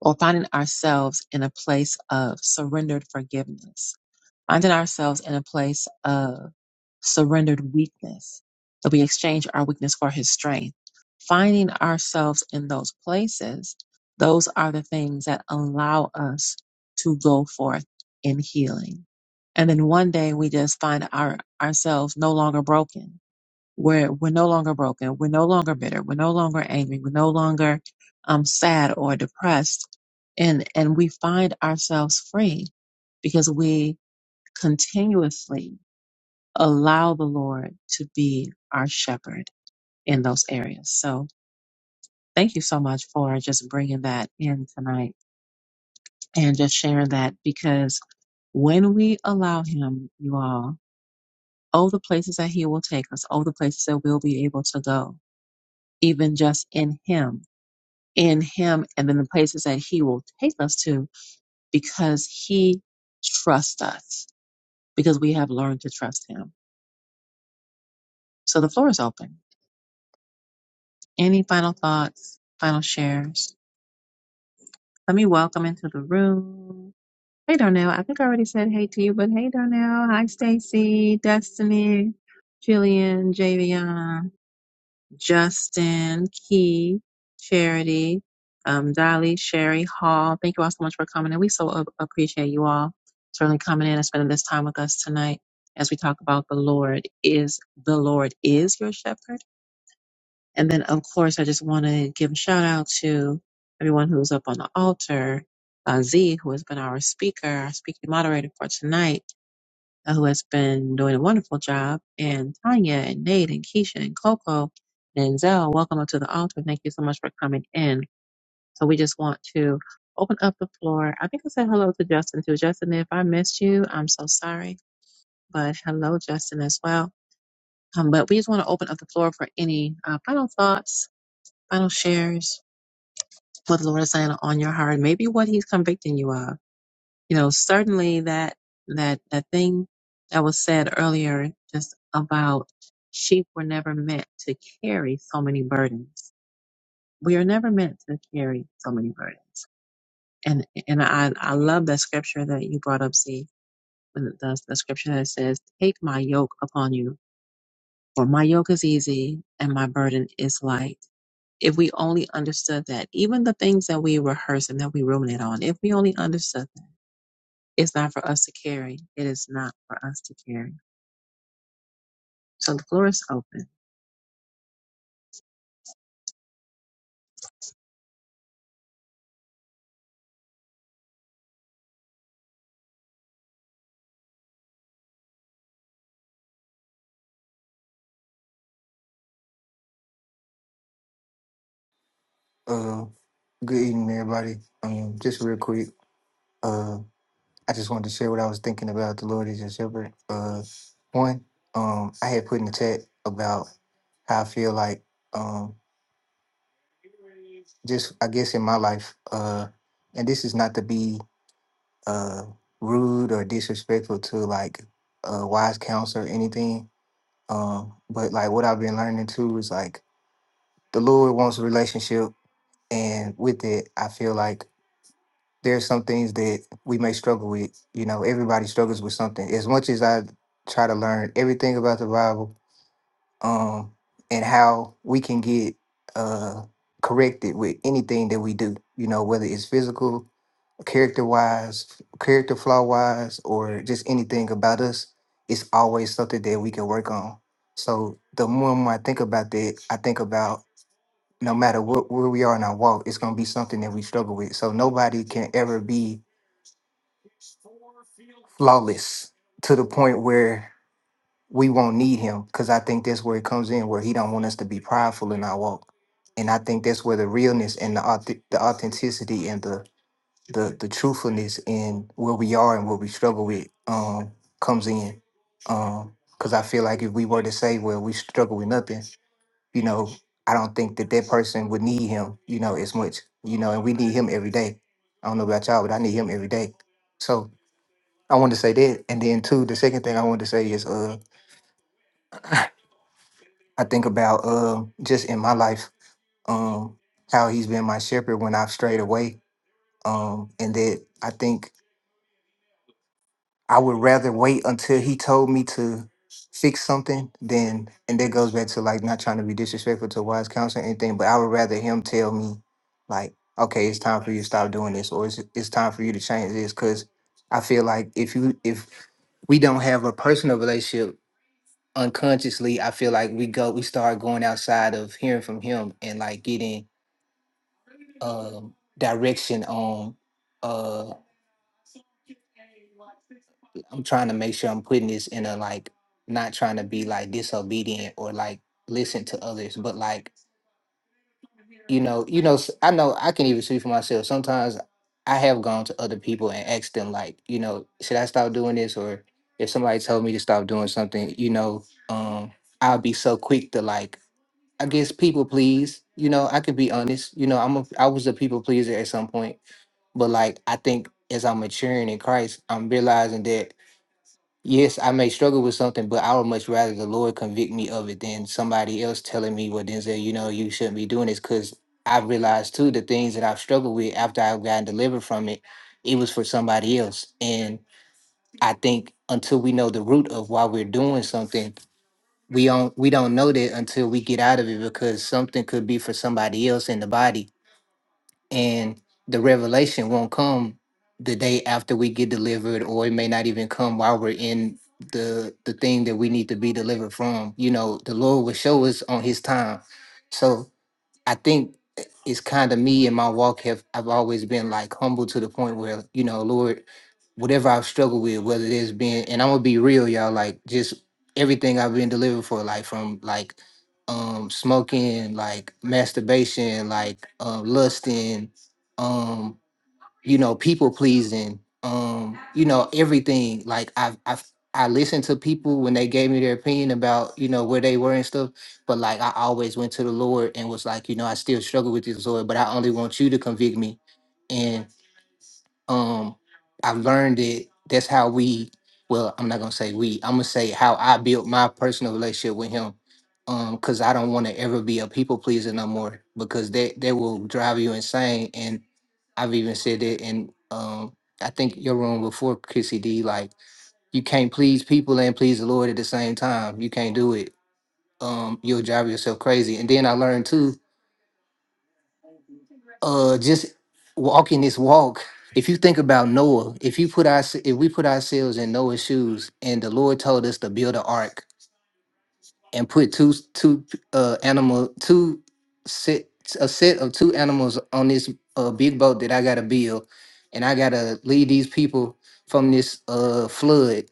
or finding ourselves in a place of surrendered forgiveness, finding ourselves in a place of surrendered weakness, that we exchange our weakness for his strength. Finding ourselves in those places, those are the things that allow us to go forth in healing. And then one day we just find our ourselves no longer broken. We're we're no longer broken. We're no longer bitter. We're no longer angry. We're no longer um, sad or depressed. And and we find ourselves free because we continuously allow the Lord to be our shepherd in those areas. So thank you so much for just bringing that in tonight and just sharing that because when we allow Him, you all, oh, the places that He will take us, oh, the places that we'll be able to go, even just in Him, in Him, and then the places that He will take us to because He trusts us, because we have learned to trust Him. So the floor is open. Any final thoughts, final shares? Let me welcome into the room. Hey Darnell, I think I already said hey to you, but hey Darnell, hi Stacy, Destiny, Jillian, Javion, Justin, Key, Charity, um, Dolly, Sherry, Hall. Thank you all so much for coming and we so a- appreciate you all certainly coming in and spending this time with us tonight as we talk about the Lord is the Lord is your shepherd and then, of course, I just want to give a shout out to everyone who's up on the altar, uh, Z, who has been our speaker, our speaking moderator for tonight, uh, who has been doing a wonderful job, and Tanya and Nate and Keisha and Coco and Zell. Welcome up to the altar. Thank you so much for coming in. So we just want to open up the floor. I think I said hello to Justin too. Justin, if I missed you, I'm so sorry, but hello, Justin, as well. Um, but we just want to open up the floor for any uh, final thoughts, final shares, What the Lord is saying on your heart, maybe what he's convicting you of. You know, certainly that that that thing that was said earlier just about sheep were never meant to carry so many burdens. We are never meant to carry so many burdens. And and I I love that scripture that you brought up, see the, the the scripture that says, Take my yoke upon you, for my yoke is easy and my burden is light if we only understood that, even the things that we rehearse and that we ruminate on, if we only understood that, it's not for us to carry. It is not for us to carry. So the floor is open. Uh, good evening, everybody. Um, just real quick, uh, I just wanted to share what I was thinking about the Lord is your shepherd. Uh, one, um, I had put in the chat about how I feel like, um, just I guess in my life, uh, and this is not to be uh rude or disrespectful to like uh wise counsel or anything, um, but like what I've been learning too is like the Lord wants a relationship, and with it, I feel like. there are some things that we may struggle with. You know, everybody struggles with something. As much as I try to learn everything about the Bible, um, and how we can get uh corrected with anything that we do, you know, whether it's physical, character wise, character flaw wise, or just anything about us, it's always something that we can work on. So the more and more I think about that, I think about no matter what where we are in our walk, it's gonna be something that we struggle with. So nobody can ever be flawless to the point where we won't need him because I think that's where it comes in where he don't want us to be prideful in our walk. And I think that's where the realness and the auth- the authenticity and the the the truthfulness in where we are and what we struggle with um comes in. Um because I feel like if we were to say, well, we struggle with nothing, you know, I don't think that that person would need him, you know, as much, you know, and we need him every day. I don't know about y'all, but I need him every day. So, I wanted to say that, and then too, the second thing I wanted to say is, uh, I think about uh, just in my life, um, how he's been my shepherd when I've strayed away, um, and that I think I would rather wait until he told me to fix something than, and that goes back to like not trying to be disrespectful to wise counsel or anything, but I would rather him tell me like, okay, it's time for you to stop doing this, or it's it's time for you to change this, because I feel like if you if we don't have a personal relationship unconsciously i feel like we go we start going outside of hearing from him and like getting um direction on uh i'm trying to make sure i'm putting this in a like not trying to be like disobedient or like listen to others but like you know you know s- i know i can even see for myself sometimes i have gone to other people and asked them like you know should i stop doing this if somebody told me to stop doing something, you know, um, I'll be so quick to like, I guess people please. You know, I could be honest. You know, I'm a I was a people pleaser at some point, but like I think as I'm maturing in Christ, I'm realizing that yes, I may struggle with something, but I would much rather the Lord convict me of it than somebody else telling me, well, Denzel, you know, you shouldn't be doing this because I've realized too the things that I've struggled with after I've gotten delivered from it, it was for somebody else. And I think until we know the root of why we're doing something, we don't we don't know that until we get out of it because something could be for somebody else in the body and the revelation won't come the day after we get delivered or it may not even come while we're in the the thing that we need to be delivered from. You know, the Lord will show us on his time. So I think it's kind of me and my walk have I've always been like humble to the point where, you know, Lord, whatever I've struggled with, whether it's been, and I'm gonna be real, y'all, like just everything I've been delivered for, like from like um smoking, like masturbation, like um lusting, um, you know, people pleasing, um, you know, everything. Like I've I've I listened to people when they gave me their opinion about, you know, where they were and stuff. But like I always went to the Lord and was like, you know, I still struggle with this Lord, but I only want you to convict me um, I learned it. That's how we. Well, I'm not gonna say we. I'm gonna say how I built my personal relationship with him. Um, cause I don't want to ever be a people pleaser no more because that that will drive you insane. And I've even said it in um, I think your room before Chrissy D. Like you can't please people and please the Lord at the same time. You can't do it. Um, you'll drive yourself crazy. And then I learned too uh just walking this walk if you think about noah if you put our if we put ourselves in noah's shoes and the lord told us to build an ark and put two two uh animal two set a set of two animals on this uh big boat that i gotta build and i gotta lead these people from this uh flood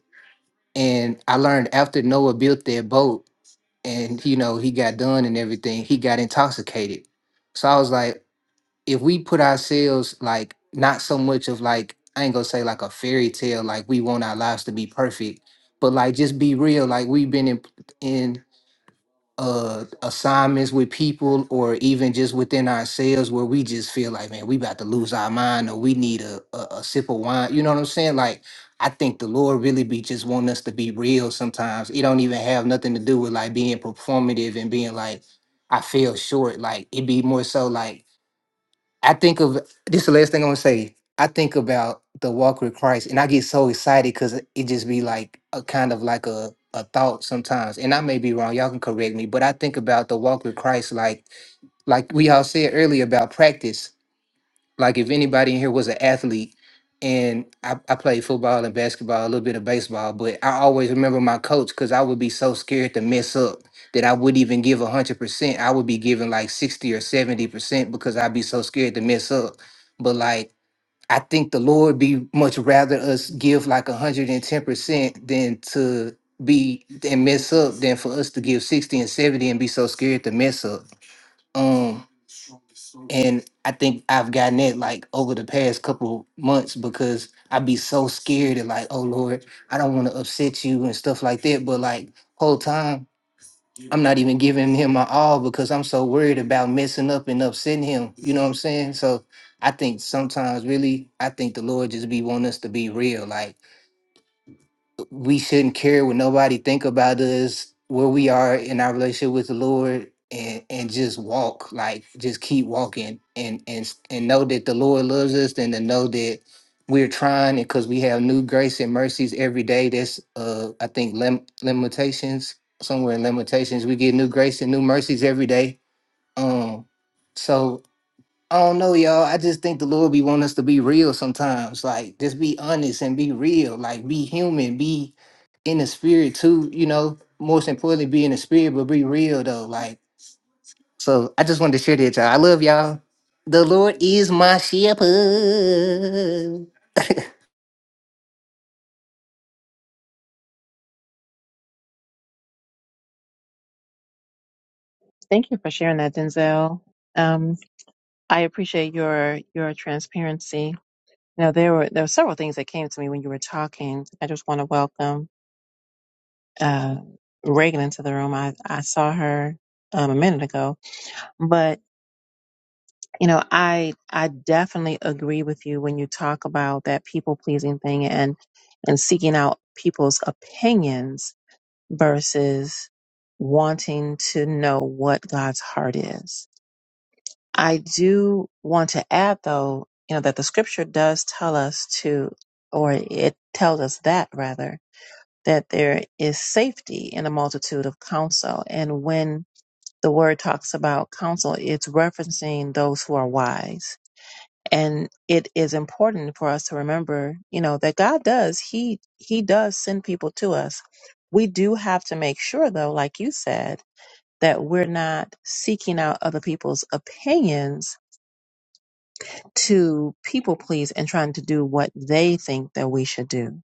and i learned after noah built that boat and you know he got done and everything he got intoxicated so i was like if we put ourselves like not so much of like I ain't gonna say like a fairy tale, like we want our lives to be perfect, but like just be real, like we've been in in uh assignments with people or even just within ourselves where we just feel like man we about to lose our mind or we need a, a, a sip of wine you know what i'm saying like i think the lord really be just wanting us to be real sometimes it don't even have nothing to do with like being performative and being like i feel short like it be more so like I think of this is the last thing I'm gonna say. I think about the walk with Christ, and I get so excited because it just be like a kind of like a a thought sometimes. And I may be wrong. Y'all can correct me, but I think about the walk with Christ like like we all said earlier about practice. Like if anybody in here was an athlete, and I, I played football and basketball, a little bit of baseball, but I always remember my coach because I would be so scared to mess up that I wouldn't even give a hundred percent. I would be giving like sixty or seventy percent because I'd be so scared to mess up. But like I think the Lord be much rather us give like a hundred and ten percent than to be and mess up than for us to give sixty and seventy and be so scared to mess up. Um, and I think I've gotten it like over the past couple months because I'd be so scared and like, oh Lord, I don't want to upset you and stuff like that. But like whole time, I'm not even giving him my all because I'm so worried about messing up and upsetting him. You know what I'm saying? So I think sometimes really, I think the Lord just be wanting us to be real. Like we shouldn't care what nobody think about us, where we are in our relationship with the Lord, and and just walk like just keep walking and and and know that the Lord loves us, and to know that we're trying because we have new grace and mercies every day. That's uh I think lim- limitations somewhere in limitations we get new grace and new mercies every day. Um, so I don't know, y'all. I just think the Lord be wanting us to be real sometimes. Like, just be honest and be real. Like, be human. Be in the spirit too. You know, most importantly, be in the spirit, but be real though. Like, so I just wanted to share that, y'all. I love y'all. The Lord is my shepherd. Thank you for sharing that, Denzel. Um, I appreciate your your transparency. Now there were there were several things that came to me when you were talking. I just want to welcome uh, Reagan into the room. I, I saw her um, a minute ago, but. You know, I I definitely agree with you when you talk about that people pleasing thing and and seeking out people's opinions versus wanting to know what God's heart is. I do want to add though, you know, that the scripture does tell us to or it tells us that rather that there is safety in a multitude of counsel and when the word talks about counsel, it's referencing those who are wise and it is important for us to remember you know that god does he he does send people to us we do have to make sure though like you said that we're not seeking out other people's opinions to people please and trying to do what they think that we should do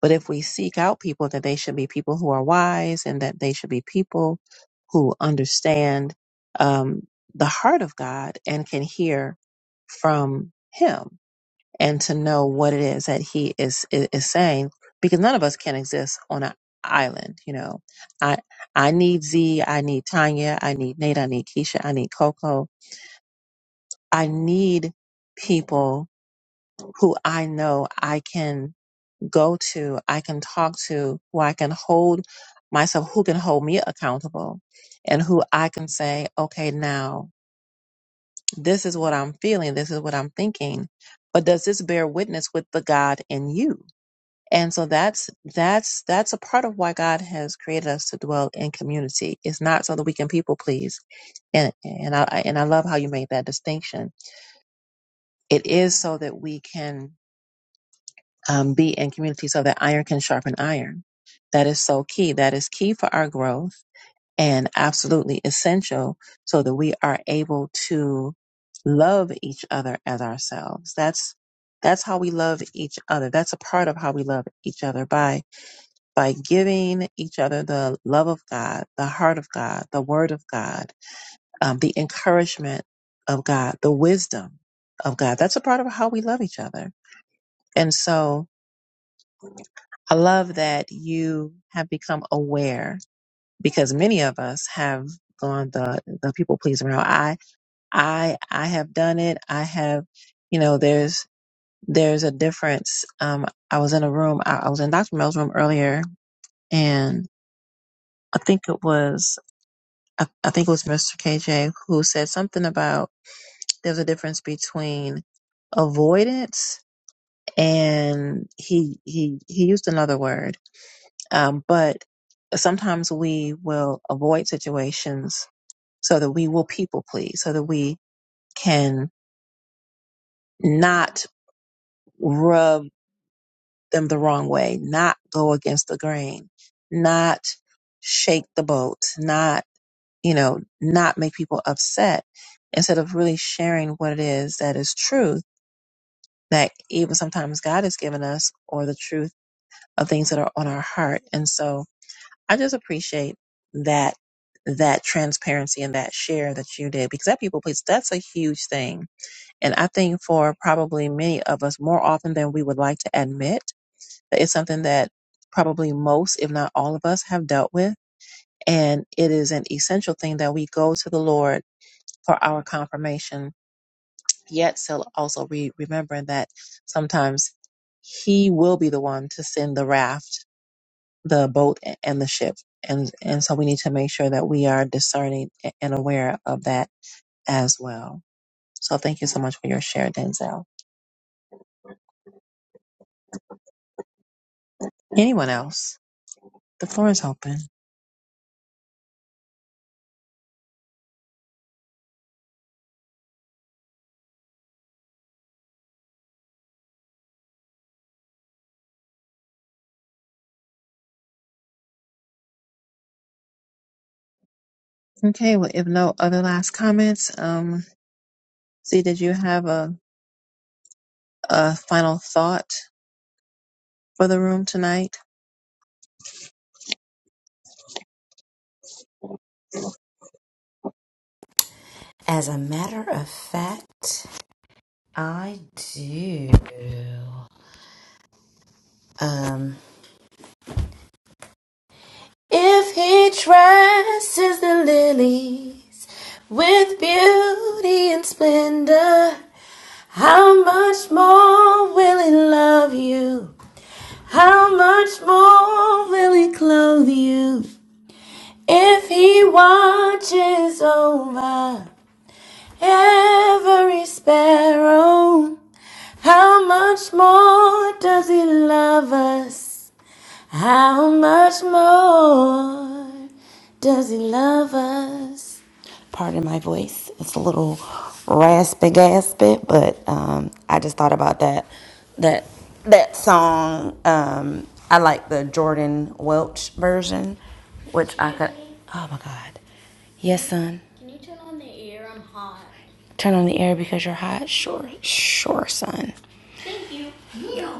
but if we seek out people that they should be people who are wise and that they should be people who understand um, the heart of god and can hear from him and to know what it is that he is, is is saying because none of us can exist on an island you know i i need z i need tanya i need nate i need keisha i need coco i need people who i know i can go to i can talk to who i can hold myself who can hold me accountable and who i can say okay now this is what i'm feeling this is what i'm thinking but does this bear witness with the god in you And so that's that's that's a part of why God has created us to dwell in community. It's not so that we can people please. And and I I- and I love how you made that distinction. It is so that we can um, be in community, so that iron can sharpen iron. That is so key. That is key for our growth and absolutely essential, so that we are able to love each other as ourselves. That's that's how we love each other. That's a part of how we love each other by by giving each other the love of God, the heart of God, the word of God, um, the encouragement of God, the wisdom of God. That's a part of how we love each other. And so I love that you have become aware because many of us have gone the, the people pleasing route. I, I, I have done it. I have, you know, there's, there's a difference. Um, I was in a room, I, I was in Dr. Mel's room earlier and I think it was I, I think it was Mr. KJ who said something about there's a difference between avoidance and he he he used another word, um, but sometimes we will avoid situations so that we will people please, so that we can not rub them the wrong way, not go against the grain, not shake the boat, not you know, not make people upset instead of really sharing what it is that is truth that even sometimes God has given us or the truth of things that are on our heart. And so I just appreciate that, that transparency and that share that you did because that people please, that's a huge thing. And I think for probably many of us more often than we would like to admit that it's something that probably most, if not all of us have dealt with. And it is an essential thing that we go to the Lord for our confirmation, yet still also re- remembering that sometimes he will be the one to send the raft, the boat, a- and the ship. And, and so we need to make sure that we are discerning a- and aware of that as well. So thank you so much for your share, Denzel. Anyone else? The floor is open. Okay, well, if no other last comments, um, see, did you have a, a final thought for the room tonight? The lilies with beauty and splendor. How much more will he love you? How much more will he clothe you? If he watches over. every sparrow. How much more does he love us? How much more? Can you turn on the air? I'm hot. Thank you. Yo.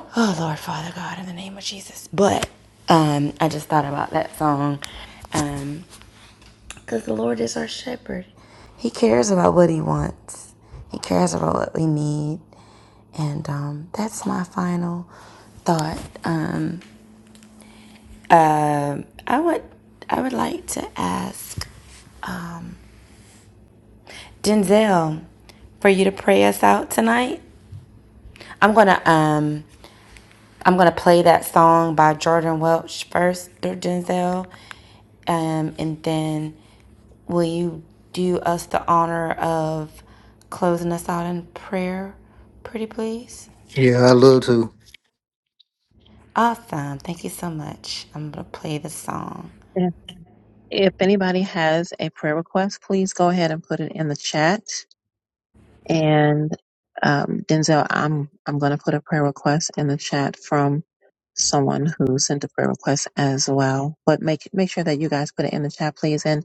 Yeah, I love too. And if anybody has a prayer request, please go ahead and put it in the chat. And um, Denzel, I'm I'm going to put a prayer request in the chat from someone who sent a prayer request as well. But make make sure that you guys put it in the chat, please. And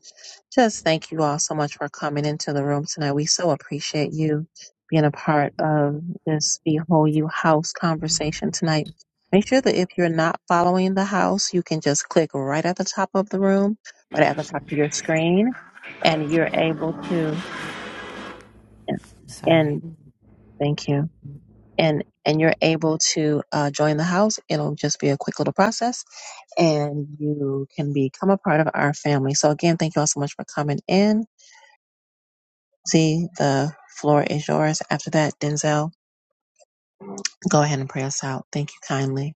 just thank you all so much for coming into the room tonight. We so appreciate you being a part of this Behold You House conversation tonight. Make sure that if you're not following the house, you can just click right at the top of the room, right at the top of your screen, and you're able to. Thank you. And and you're able to uh, join the house. It'll just be a quick little process, and you can become a part of our family. So again, thank you all so much for coming in. Z, the floor is yours. After that, Denzel, go ahead and pray us out. Thank you kindly.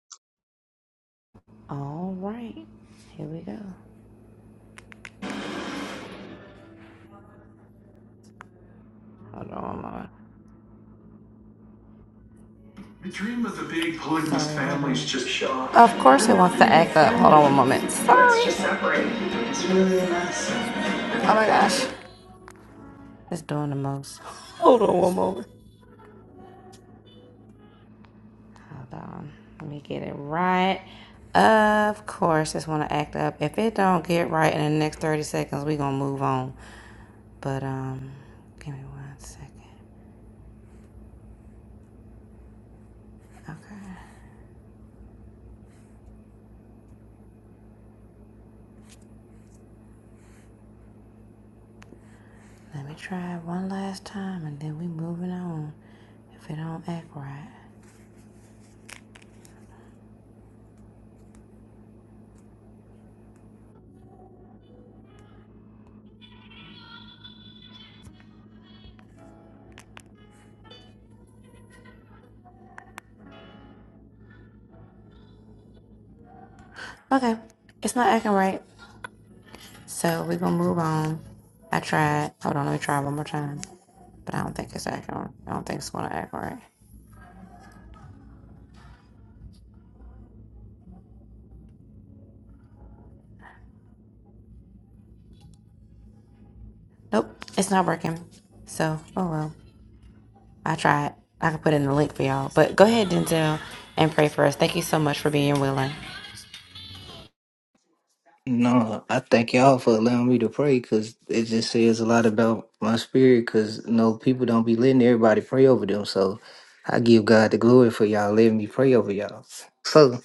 No, I thank y'all for allowing me to pray because it just says a lot about my spirit because no people don't be letting everybody pray over them. So I give God the glory for y'all letting me pray over y'all. So,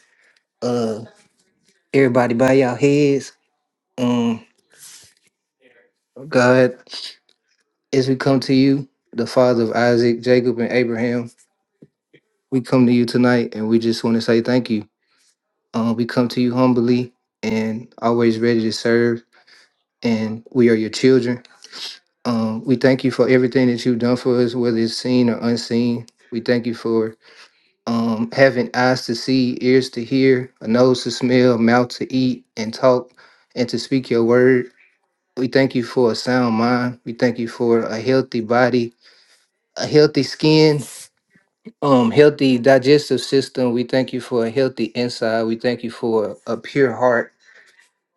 uh, everybody bow y'all heads. Um, God, as we come to you, the father of Isaac, Jacob, and Abraham, we come to you tonight and we just want to say thank you. Um, we come to you humbly and always ready to serve, and we are your children Um, we thank you for everything that you've done for us, whether it's seen or unseen. We thank you for um, having eyes to see, ears to hear, a nose to smell, mouth to eat and talk, and to speak your word. We thank you for a sound mind. We thank you for a healthy body, a healthy skin, um, healthy digestive system. We thank you for a healthy inside. We thank you for a pure heart.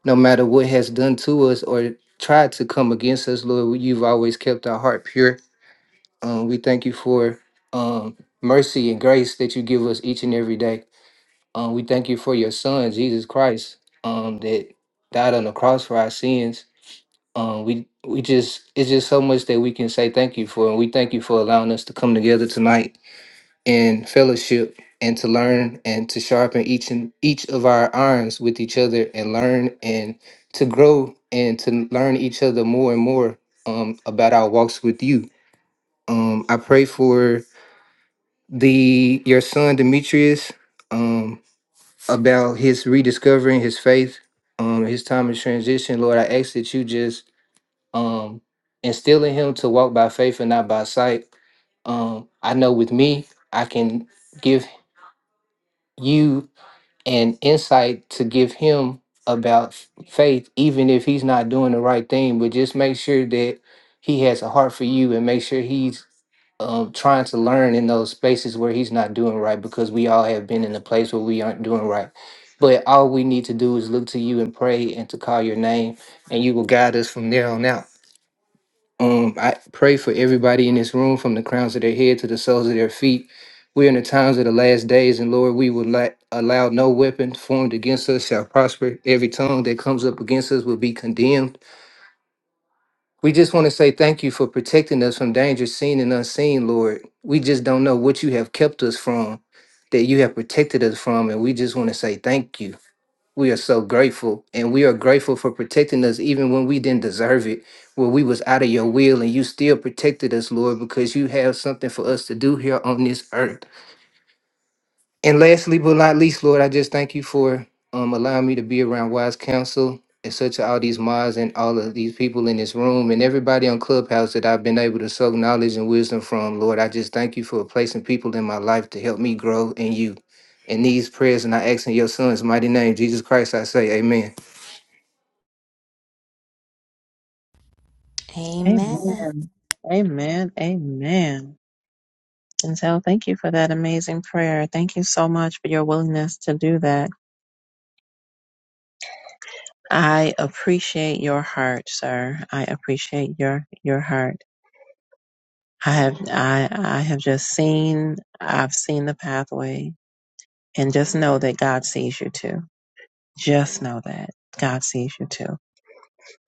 No matter what has done to us or tried to come against us, Lord, you've always kept our heart pure. Um, we thank you for um, mercy and grace that you give us each and every day. Um, we thank you for your Son, Jesus Christ, um, that died on the cross for our sins. Um, we we just it's just so much that we can say thank you for, and we thank you for allowing us to come together tonight in fellowship and to learn and to sharpen each and each of our irons with each other and learn and to grow and to learn each other more and more um, about our walks with you. Um, I pray for the your son Demetrius um about his rediscovering his faith, um his time of transition. Lord, I ask that you just um instill in him to walk by faith and not by sight. Um I know with me, I can give you an insight to give him about f- faith, even if he's not doing the right thing, but just make sure that he has a heart for you and make sure he's of trying to learn in those spaces where he's not doing right because we all have been in a place where we aren't doing right. But all we need to do is look to you and pray and to call your name, and you will guide us from there on out. Um, I pray for everybody in this room from the crowns of their head to the soles of their feet. We're in the times of the last days, and Lord, we will let, allow no weapon formed against us shall prosper. Every tongue that comes up against us will be condemned. We just want to say thank you for protecting us from danger seen and unseen, Lord. We just don't know what you have kept us from, that you have protected us from, and we just want to say thank you. We are so grateful, and we are grateful for protecting us even when we didn't deserve it, where we was out of your will, and you still protected us, Lord, because you have something for us to do here on this earth. And lastly, but not least, Lord, I just thank you for um, allowing me to be around wise counsel and such all these mods and all of these people in this room and everybody on Clubhouse that I've been able to soak knowledge and wisdom from. Lord, I just thank you for placing people in my life to help me grow in you. In these prayers and I ask in your son's mighty name, Jesus Christ, I say amen. Amen. Amen. Amen. Denzel, thank you for that amazing prayer. Thank you so much for your willingness to do that. I appreciate your heart, sir. I appreciate your your heart. I have I I have just seen I've seen the pathway and just know that God sees you too. Just know that God sees you too.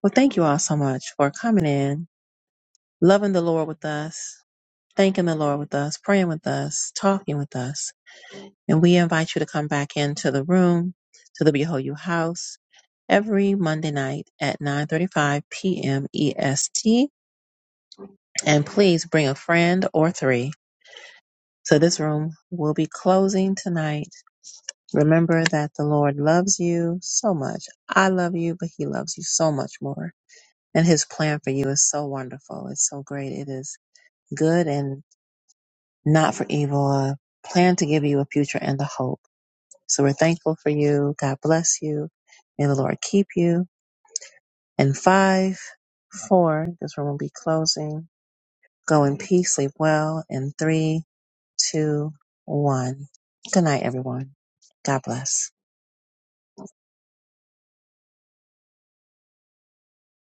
Well, thank you all so much for coming in, loving the Lord with us, thanking the Lord with us, praying with us, talking with us. And we invite you to come back into the room to the Behold You house every Monday night at 9:35 p.m. EST. And please bring a friend or three. So this room will be closing tonight Remember that the Lord loves you so much. I love you, but He loves you so much more. And His plan for you is so wonderful. It's so great. It is good and not for evil. A plan to give you a future and a hope. So we're thankful for you. God bless you. May the Lord keep you. And five, four, this room will be closing. Go in peace, sleep well. In three, two, one. Good night, everyone. God bless.